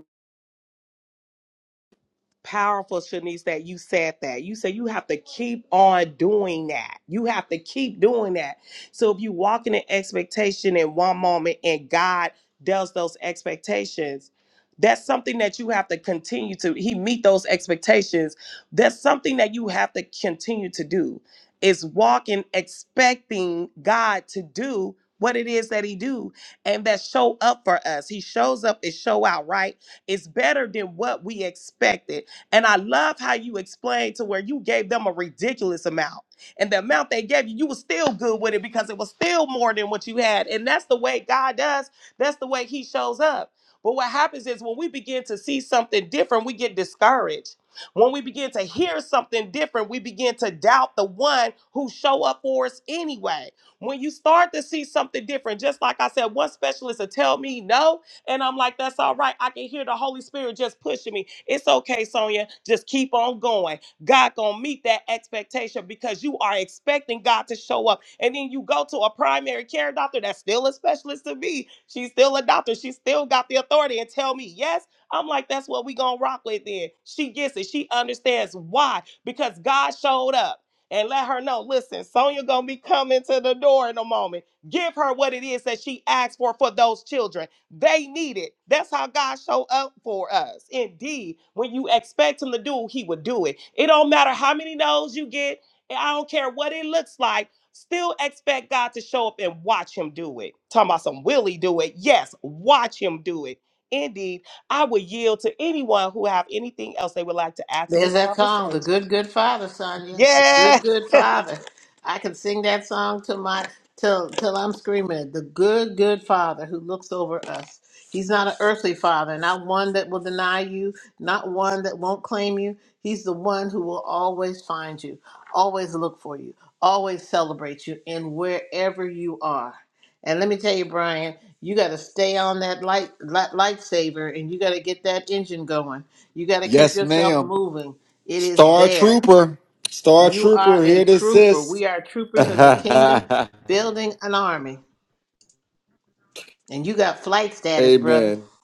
powerful, Shanice, that you said that. You said you have to keep on doing that. You have to keep doing that. So if you walk in an expectation in one moment and God does those expectations, that's something that you have to continue to he meet those expectations. That's something that you have to continue to do is walking expecting God to do what it is that he do and that show up for us. He shows up and show out, right? It's better than what we expected and I love how you explained to where you gave them a ridiculous amount. And the amount they gave you, you were still good with it because it was still more than what you had. And that's the way God does. That's the way He shows up. But what happens is when we begin to see something different, we get discouraged. When we begin to hear something different, we begin to doubt the one who show up for us anyway. When you start to see something different, just like I said, one specialist will tell me no, and I'm like, that's all right. I can hear the Holy Spirit just pushing me. It's okay, Sonia. Just keep on going. God gonna meet that expectation because you are expecting God to show up. And then you go to a primary care doctor that's still a specialist to me. She's still a doctor. She still got the authority and tell me yes. I'm like, that's what we gonna rock with then. She gets it. She understands why. Because God showed up. And let her know, listen, Sonia gonna be coming to the door in a moment. Give her what it is that she asked for for those children they need it. That's how God showed up for us. Indeed, when you expect Him to do, He will do it. It don't matter how many no's you get. and I don't care what it looks like. Still expect God to show up and watch Him do it. Talking about some will He do it? Yes, watch Him do it. Indeed, I would yield to anyone who have anything else they would like to add to There's this that song, The conversation. Good Good Father, Sonia. The Yes. Good Good Father. I can sing that song to my till till I'm screaming it. The good good father who looks over us. He's not an earthly father, not one that will deny you, not one that won't claim you. He's the one who will always find you, always look for you, always celebrate you in wherever you are. And let me tell you, Brian, you got to stay on that light, light lightsaber, and you got to get that engine going you got to keep Yes, yourself ma'am. moving. It is Star there. Trooper. Star You are Trooper, a here to trooper. assist. We are [laughs] troopers in the kingdom, Amen. building an army. And you got flight status, brother. You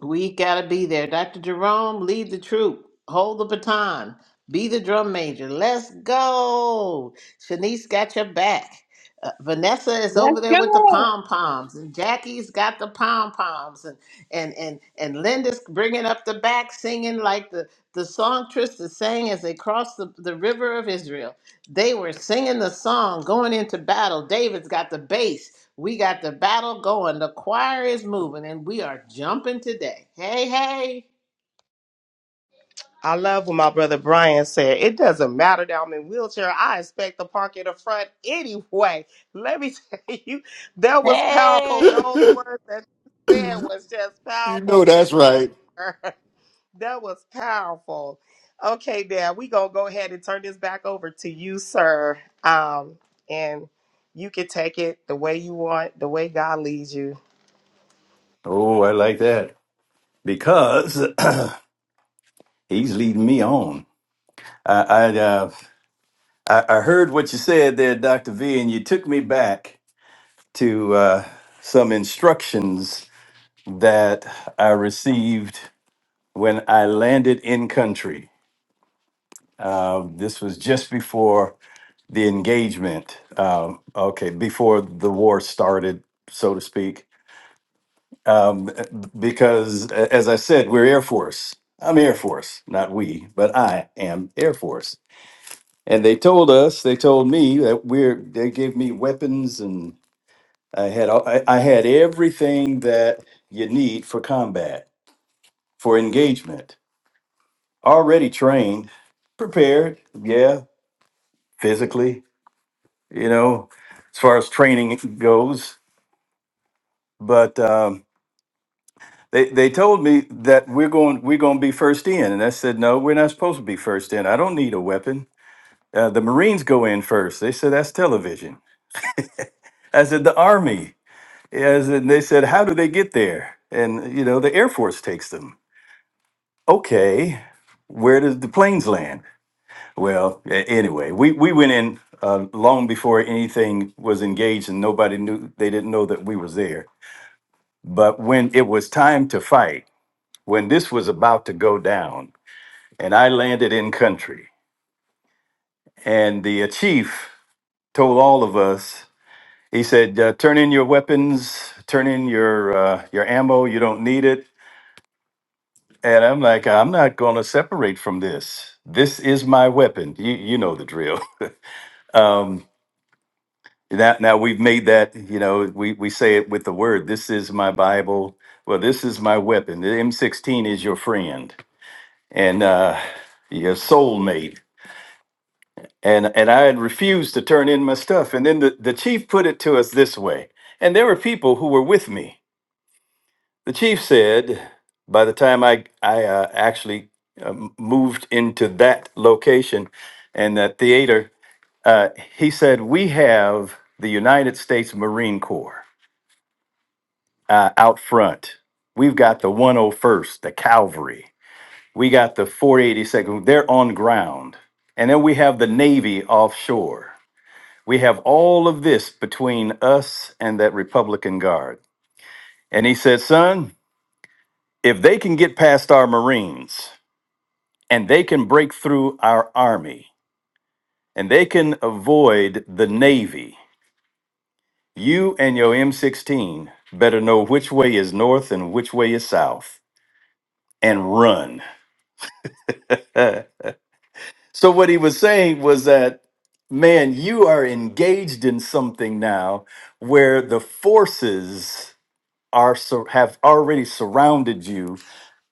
We gotta be there. Dr. Jerome, lead the troop. Hold the baton. Be the drum major. Let's go. Shanice got your back. Uh, Vanessa is Let's over there with the go. pom poms, and Jackie's got the pom poms, and and and and Linda's bringing up the back, singing like the the songstress is sang as they crossed the, the river of Israel. They were singing the song going into battle. David's got the bass. We got the battle going. The choir is moving, and we are jumping today. Hey, hey, I love what my brother Brian said. It doesn't matter that I'm in wheelchair. I expect to park in the front anyway. Let me [laughs] tell you, that was powerful. hey! Those words that you said was just know powerful in that's right. there. [laughs] That was powerful. Okay, Dad, we gonna go ahead and turn this back over to you, sir. Um, and you can take it the way you want, the way God leads you. Oh, I like that because [clears throat] he's leading me on. I, I, uh, I, I heard what you said there, Dr. V, and you took me back to uh, some instructions that I received when I landed in country. Uh, this was just before the engagement um, okay before the war started so to speak um, because a- as i said we're air force i'm air force not we but i am air force and they told us they told me that we're they gave me weapons and i had all- i, I had everything that you need for combat for engagement already trained prepared yeah physically you know as far as training goes but um, they they told me that we're going we're going to be first in, and I said no, we're not supposed to be first in. I don't need a weapon. Uh, the Marines go in first. They said that's television. I said the Army. As and they said, how do they get there? And you know the Air Force takes them. Okay, where does the planes land? Well, a- anyway, we we went in uh, long before anything was engaged, and nobody knew. They didn't know that we was there. But when it was time to fight when this was about to go down, and I landed in country, and the uh, chief told all of us, he said, uh, "Turn in your weapons, turn in your uh, your ammo. You don't need it." And I'm like, "I'm not going to separate from this. This is my weapon. You you know the drill." [laughs] Um, now, now we've made that, you know, we, we say it with the word, this is my Bible. Well, this is my weapon. The M16 is your friend. And uh, your soulmate. and and I had refused to turn in my stuff. And then the, the chief put it to us this way, and there were people who were with me. The chief said, by the time I I uh, actually uh, moved into that location and that theater, uh, he said we have the United States Marine Corps uh, out front. We've got the 101st, the Cavalry. We got the 482nd. They're on ground, and then we have the Navy offshore. We have all of this between us and that Republican Guard. And he said, Son, if they can get past our Marines and they can break through our Army and they can avoid the Navy, you and your M16 better know which way is north and which way is south and run. Uh, so, what he was saying was that, man, you are engaged in something now where the forces are sur- have already surrounded you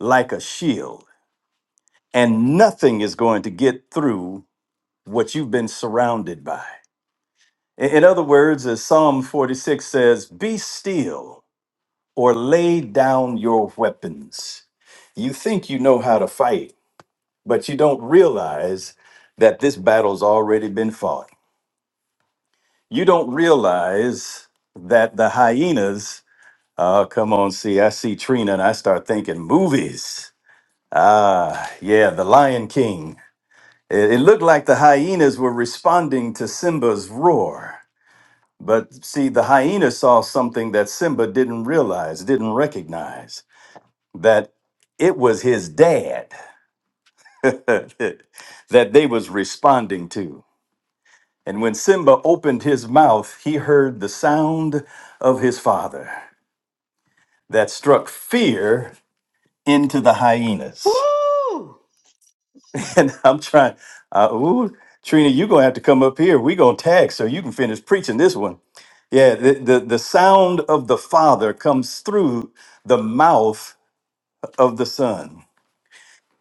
like a shield and nothing is going to get through what you've been surrounded by in in other words as psalm 46 says be still or lay down your weapons you think you know how to fight but you don't realize that this battle's already been fought you don't realize that the hyenas Oh, come on see i see trina and i start thinking movies Ah, yeah, the Lion King. It, it looked like the hyenas were responding to Simba's roar. But see, the hyena saw something that Simba didn't realize, didn't recognize, that it was his dad [laughs] that they was responding to. And when Simba opened his mouth, he heard the sound of his father that struck fear into the hyenas. Woo! [laughs] and I'm trying. Uh, ooh, Trina, you're gonna have to come up here. We're gonna tag so you can finish preaching this one. Yeah, the, the the sound of the Father comes through the mouth of the Son,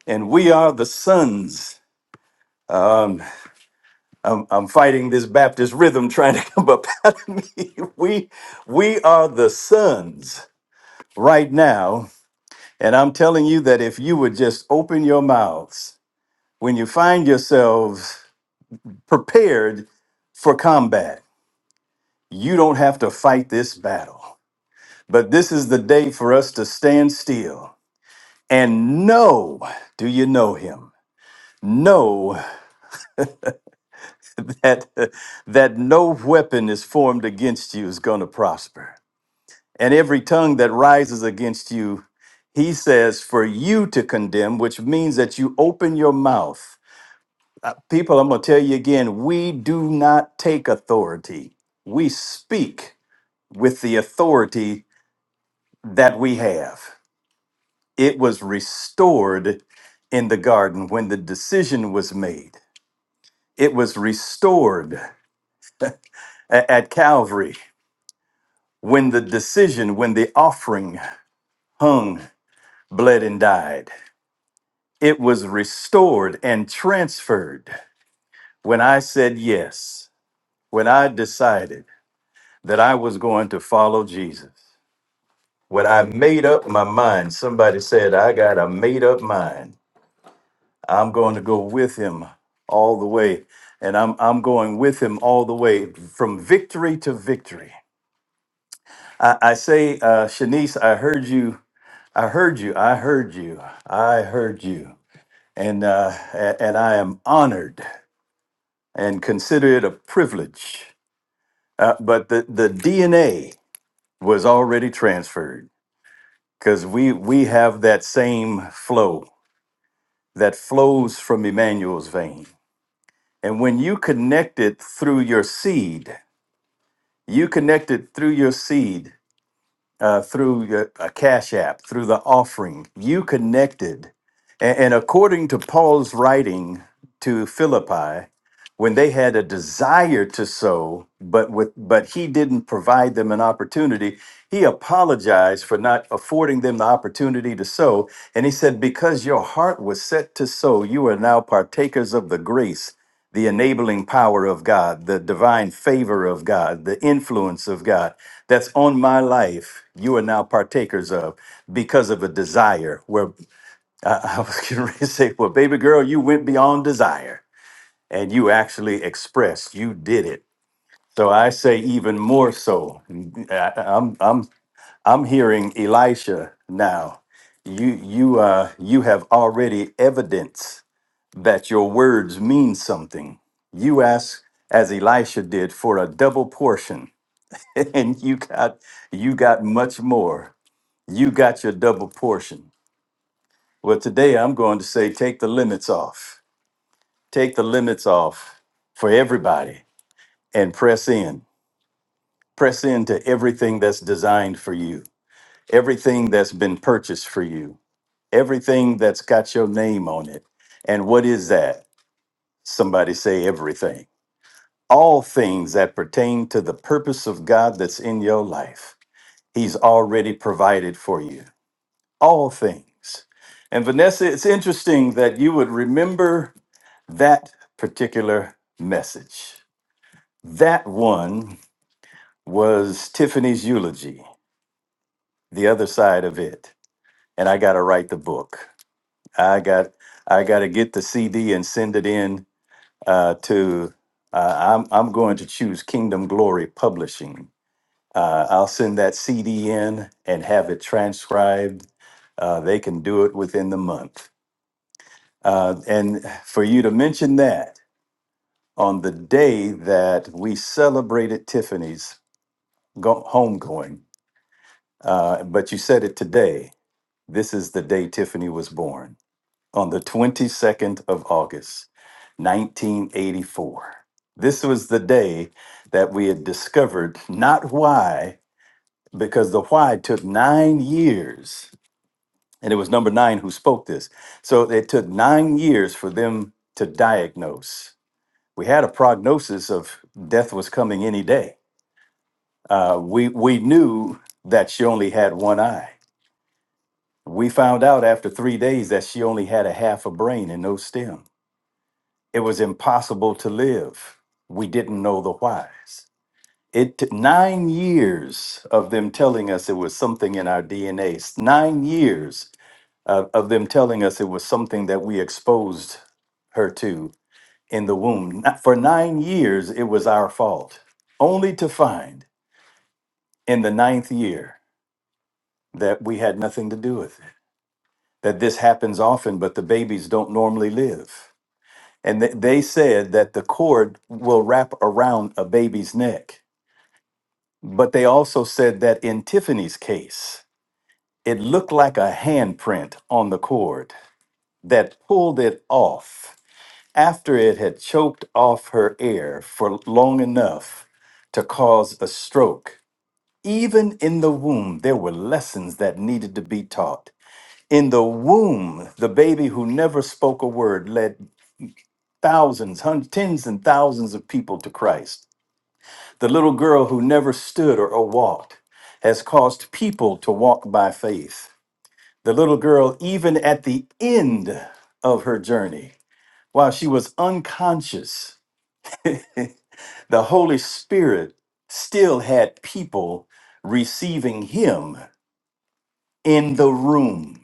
and we are the sons. Um, I'm, I'm fighting this Baptist rhythm [laughs] trying to come up [laughs] out of me. [laughs] We we are the sons right now, and I'm telling you that if you would just open your mouths when you find yourselves prepared for combat. You don't have to fight this battle. But this is the day for us to stand still and know, do you know him? Know [laughs] that that no weapon is formed against you is going to prosper. And every tongue that rises against you, he says for you to condemn, which means that you open your mouth. Uh, People, I'm going to tell you again, we do not take authority. We speak with the authority that we have. it was restored in the garden when the decision was made. It was restored a- at Calvary when the decision, when the offering hung, bled, and died. It was restored and transferred when I said yes, when I decided that I was going to follow Jesus. When I made up my mind, somebody said, I got a made up mind I'm going to go with him all the way. And I'm, I'm going with him all the way from victory to victory. I, I say, uh, Shanice, I heard you. I heard you. I heard you. I heard you. And, uh, a- and I am honored and consider it a privilege. Uh, but the, the DNA was already transferred because we, we have that same flow that flows from Emmanuel's vein. And when you connect it through your seed, You connected through your seed, uh, through your, a cash app, through the offering. You connected. And, and according to Paul's writing to Philippi, when they had a desire to sow, but with but he didn't provide them an opportunity, he apologized for not affording them the opportunity to sow. And he said, Because your heart was set to sow, you are now partakers of the grace the enabling power of God, the divine favor of God, the influence of God that's on my life, you are now partakers of because of a desire. Where [laughs] I, I was getting ready to say, well, baby girl, you went beyond desire and you actually expressed, you did it. So I say, even more so, I, I'm, I'm, I'm hearing Elisha now. You, you, uh, you have already evidence that your words mean something. You asked, as Elisha did, for a double portion, [laughs] and you got you got much more. You got your double portion. Well, today I'm going to say, take the limits off. Take the limits off for everybody, and press in. Press into everything that's designed for you, everything that's been purchased for you, everything that's got your name on it. And what is that? Somebody say everything all things that pertain to the purpose of God that's in your life. He's already provided for you. All things. And Vanessa, it's interesting that you would remember that particular message. That one was Tiffany's eulogy, the other side of it. And I got to write the book. I got I got to get the CD and send it in uh, to uh, I'm I'm going to choose Kingdom Glory Publishing Uh, I'll send that CD in and have it transcribed. Uh, they can do it within the month. Uh, and for you to mention that on the day that we celebrated Tiffany's go- homegoing, uh, but you said it today. This is the day Tiffany was born on the 22nd of August, 1984. This was the day that we had discovered not why, because the why took nine years and it was number nine who spoke this. So it took nine years for them to diagnose. We had a prognosis of death was coming any day. Uh, we we knew that she only had one eye. We found out after three days that she only had a half a brain and no stem. It was impossible to live. We didn't know the whys. It took nine years of them telling us it was something in our DNA. Nine years of, of them telling us it was something that we exposed her to in the womb. Not- For nine years, it was our fault, only to find in the ninth year that we had nothing to do with it. That this happens often, but the babies don't normally live. And th- they said that the cord will wrap around a baby's neck. But they also said that in Tiffany's case, It looked like a handprint on the cord that pulled it off after it had choked off her air for long enough to cause a stroke. Even in the womb, there were lessons that needed to be taught. In the womb, the baby who never spoke a word led thousands, hun- tens and thousands of people to Christ. The little girl who never stood or or walked has caused people to walk by faith. The little girl, even at the end of her journey, while she was unconscious, the Holy Spirit still had people receiving him in the room.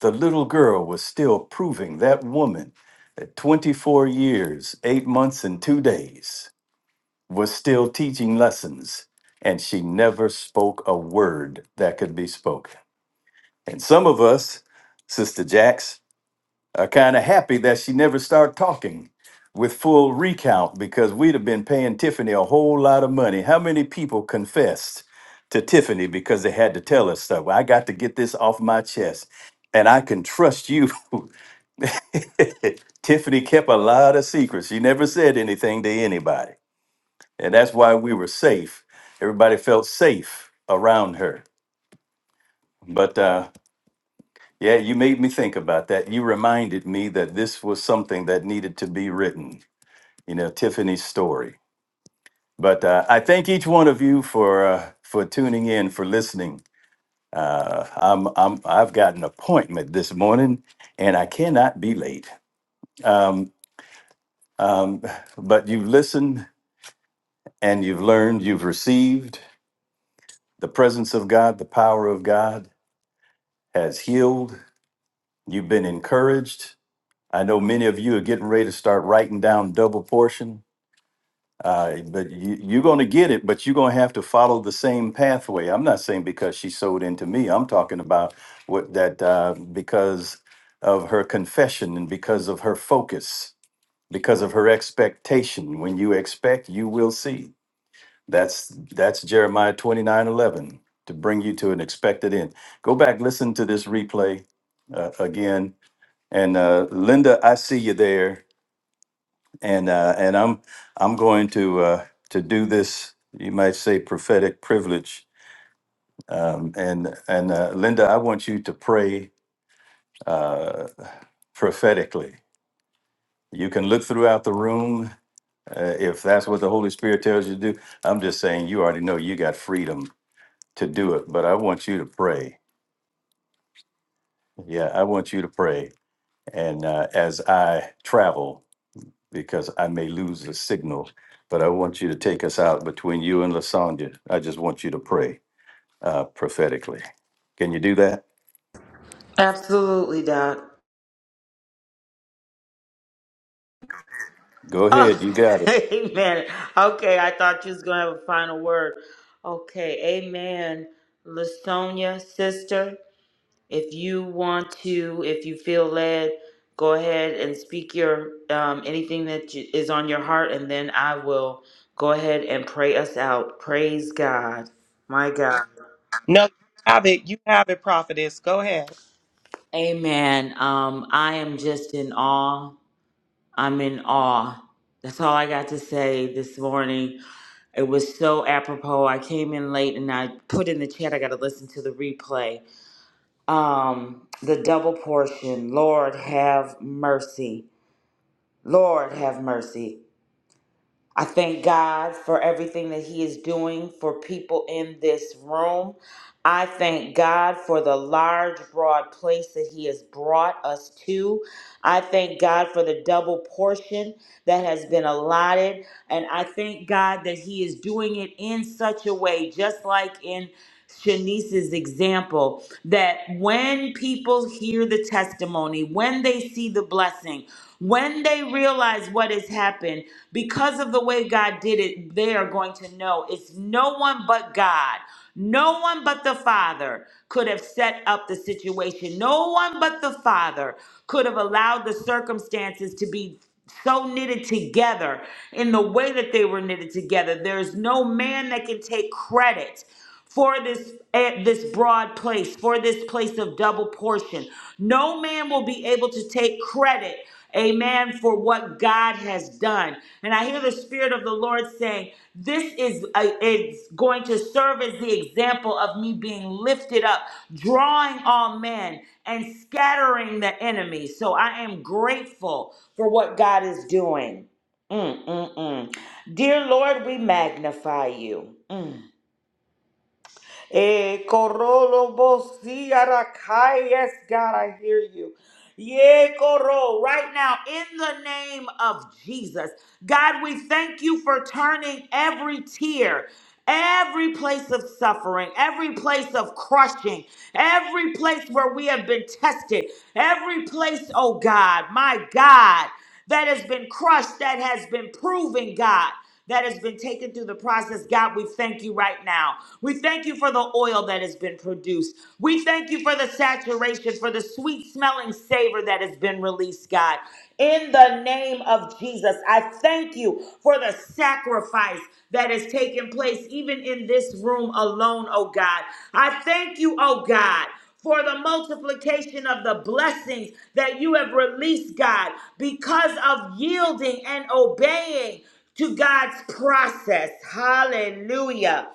The little girl was still proving that woman at 24 years, eight months, and two days was still teaching lessons, and she never spoke a word that could be spoken. And some of us, Sister Jax, uh, kind of happy that she never started talking with full recount because we'd have been paying Tiffany a whole lot of money. How many people confessed to Tiffany because they had to tell us stuff? Well, I got to get this off my chest. And I can trust you. [laughs] Tiffany kept a lot of secrets. She never said anything to anybody. And that's why we were safe. Everybody felt safe around her. But uh, yeah, you made me think about that. You reminded me that this was something that needed to be written. you know Tiffany's story. But uh, I thank each one of you for uh, for tuning in, for listening. Uh, I'm I'm I've got an appointment this morning, and I cannot be late. Um, um, but you've listened and you've learned, you've received the presence of God, the power of God has healed. You've been encouraged. I know many of you are getting ready to start writing down double portion Uh, but you, you're going to get it, but you're going to have to follow the same pathway. I'm not saying because she sold into me. I'm talking about what that uh, because of her confession and because of her focus, because of her expectation. When you expect, you will see. That's that's Jeremiah 29 11 to bring you to an expected end. Go back, listen to this replay uh, again. And uh, Linda, I see you there and uh, and I'm I'm going to uh, to do this. You might say prophetic privilege. Um, and and uh, Linda, I want you to pray uh, prophetically. You can look throughout the room uh, if that's what the Holy Spirit tells you to do. I'm just saying you already know you got freedom to do it, but I want you to pray. Yeah, I want you to pray. And uh, as I travel because I may lose the signal, but I want you to take us out between you and Lasagna. I just want you to pray uh, prophetically. Can you do that? Absolutely, Doc. Go ahead. Oh, You got it. [laughs] amen. Okay, I thought you was gonna have a final word. Okay, amen. Listonia, sister, if you want to, if you feel led, go ahead and speak your um, anything that you, is on your heart, and then I will go ahead and pray us out. Praise God, my God. No, you have it. You have it, prophetess. Go ahead. Amen. Um, I am just in awe. I'm in awe. That's all I got to say this morning. It was so apropos. I came in late and I put in the chat, I got to listen to the replay. Um, the double portion. Lord have mercy. Lord have mercy. I thank God for everything that He is doing for people in this room. I thank God for the large, broad place that He has brought us to. I thank God for the double portion that has been allotted and I thank God that He is doing it in such a way, just like in Shanice's example, that when people hear the testimony, when they see the blessing, when they realize what has happened, because of the way God did it, they are going to know it's no one but God. No one but the Father could have set up the situation. No one but the Father could have allowed the circumstances to be so knitted together in the way that they were knitted together. There's no man that can take credit for this eh, this broad place, for this place of double portion. No man will be able to take credit, amen, for what God has done. And I hear the spirit of the Lord saying, this is uh, is going to serve as the example of me being lifted up, drawing all men and scattering the enemy. So I am grateful for what God is doing. Mm, mm, mm. Dear Lord, we magnify you. Mm. Eh, korolo bo si arakai. Yes, God, I hear you. Yeah, Koro, right now, in the name of Jesus, God, we thank you for turning every tear, every place of suffering, every place of crushing, every place where we have been tested, every place, oh God, my God that has been crushed, that has been proven, God, that has been taken through the process. God, we thank you right now. We thank you for the oil that has been produced. We thank you for the saturation, for the sweet smelling savor that has been released, God. In the name of Jesus, I thank you for the sacrifice that has taken place, even in this room alone, oh God. I thank you, oh God for the multiplication of the blessings that you have released, God, because of yielding and obeying to God's process. Hallelujah.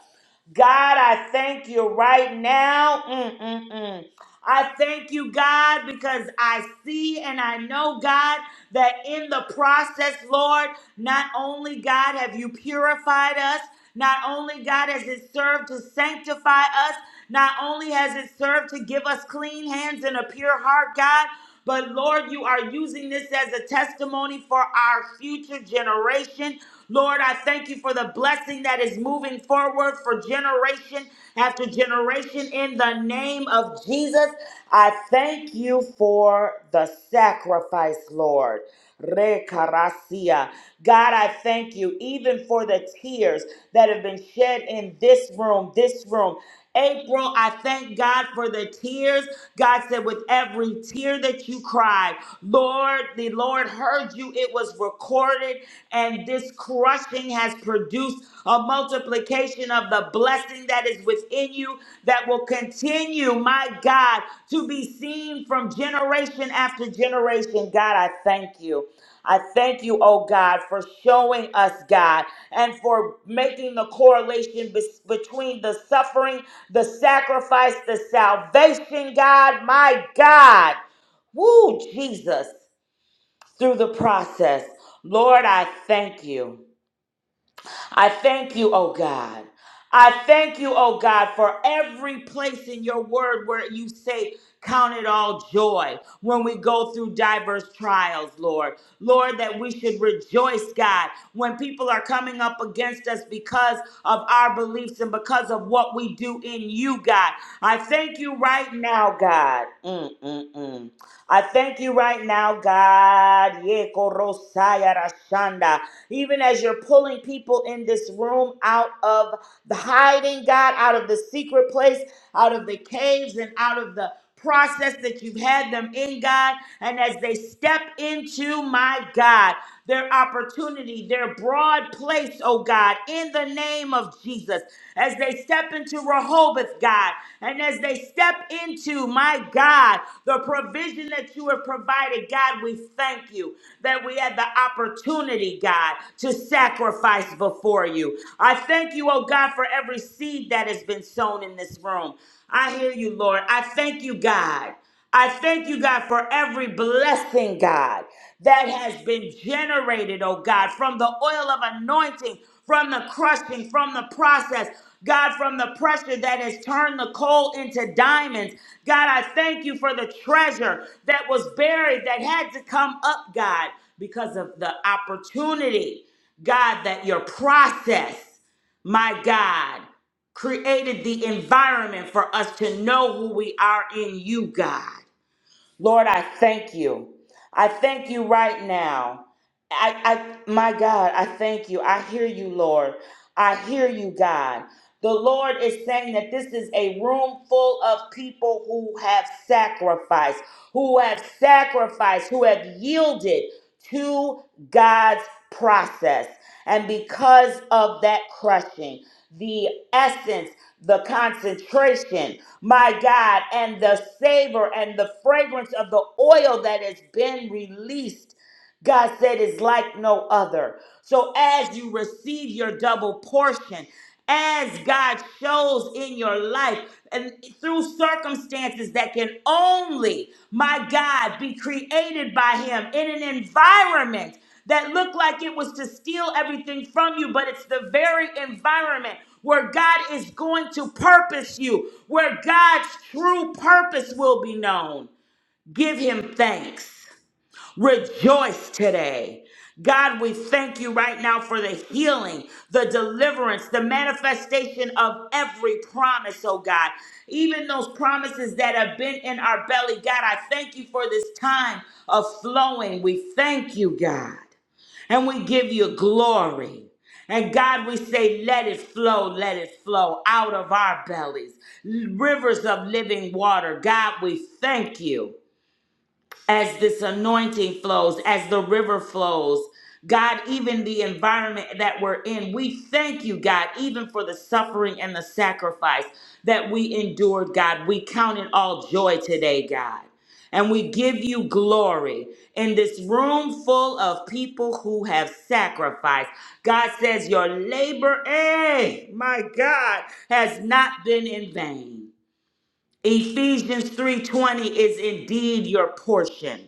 God, I thank you right now. Mm-mm-mm. I thank you, God, because I see and I know, God, that in the process, Lord, not only, God, have you purified us, not only, God, has it served to sanctify us, not only has it served to give us clean hands and a pure heart, God, but Lord, you are using this as a testimony for our future generation. Lord, I thank you for the blessing that is moving forward for generation after generation in the name of Jesus. I thank you for the sacrifice, Lord. Rekarasia. God, I thank you even for the tears that have been shed in this room, this room. April, I thank God for the tears. God said, with every tear that you cried, Lord, the Lord heard you. It was recorded, and this crushing has produced a multiplication of the the blessing that is within you that will continue, my God, to be seen from generation after generation. God, I thank you. I thank you, oh God, for showing us, God, and for making the correlation bes- between the suffering, the sacrifice, the salvation, God, my God. Woo, Jesus, through the process. Lord, I thank you. I thank you, oh God. I thank you, oh God, for every place in your word where you say, Count it all joy when we go through diverse trials, Lord. Lord, that we should rejoice, God, when people are coming up against us because of our beliefs and because of what we do in you, God. I thank you right now, God. Mm, mm, mm. I thank you right now, God. Ye korosaya rashanda. Even as you're pulling people in this room out of the hiding, God, out of the secret place, out of the caves and out of the process that you've had them in, God. And as they step into, my God, their opportunity, their broad place, oh God, in the name of Jesus, as they step into Rehoboth, God, and as they step into, my God, the provision that you have provided, God, we thank you that we had the opportunity, God, to sacrifice before you. I thank you, oh God, for every seed seed that has been sown in this room. I hear you, Lord. I thank you, God. I thank you, God, for every blessing, God, that has been generated, oh God, from the oil of anointing, from the crushing, from the process, God, from the pressure that has turned the coal into diamonds. God, I thank you for the treasure that was buried, that had to come up, God, because of the opportunity, God, that your process, my God created the environment for us to know who we are in you, God. Lord, I thank you. I thank you right now. I, I my God, I thank you. I hear you, Lord. I hear you, God. The Lord is saying that this is a room full of people who have sacrificed, who have sacrificed, who have yielded to God's process. And because of that crushing, the essence, the concentration, my God, and the savor and the fragrance of the oil that has been released. God said is like no other. So as you receive your double portion, as God shows in your life and through circumstances that can only, my God, be created by him in an environment that looked like it was to steal everything from you, but it's the very environment where God is going to purpose you, where God's true purpose will be known. Give him thanks. Rejoice today. God, we thank you right now for the healing, the deliverance, the manifestation of every promise, oh God. Even those promises that have been in our belly, God, I thank you for this time of flowing. We thank you, God. And we give you glory. And God, we say, let it flow, let it flow out of our bellies, rivers of living water. God, we thank you as this anointing flows, as the river flows. God, even the environment that we're in, we thank you, God, even for the suffering and the sacrifice that we endured, God. We count it all joy today, God. And we give you glory in this room full of people who have sacrificed. God says, Your labor, eh, my God, has not been in vain. Ephesians 3:20 is indeed your portion.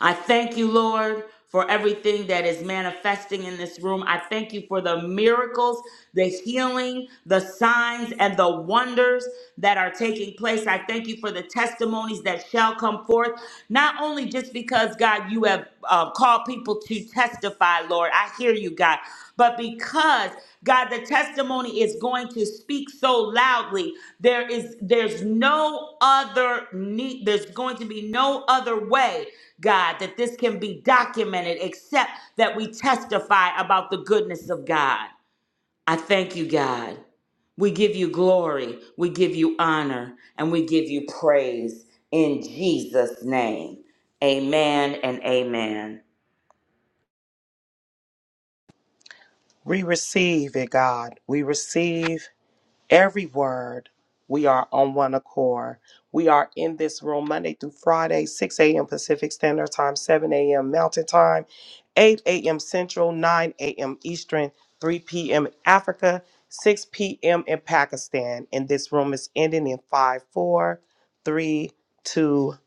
I thank you, Lord, for everything that is manifesting in this room. I thank you for the miracles, the healing, the signs, and the wonders that are taking place. I thank you for the testimonies that shall come forth, not only just because, God, you have uh, called people to testify, Lord. I hear you, God. But because God, the testimony is going to speak so loudly, there is there's no other need, there's going to be no other way, God, that this can be documented except that we testify about the goodness of God. I thank you, God. We give you glory, we give you honor, and we give you praise in Jesus' name. Amen and amen. We receive it, God. We receive every word. We are on one accord. We are in this room Monday through Friday, 6 a.m. Pacific Standard Time, 7 a.m. Mountain Time, 8 a.m. Central, 9 a.m. Eastern, 3 p.m. in Africa, 6 p.m. in Pakistan. And this room is ending in five, four, three, two, one.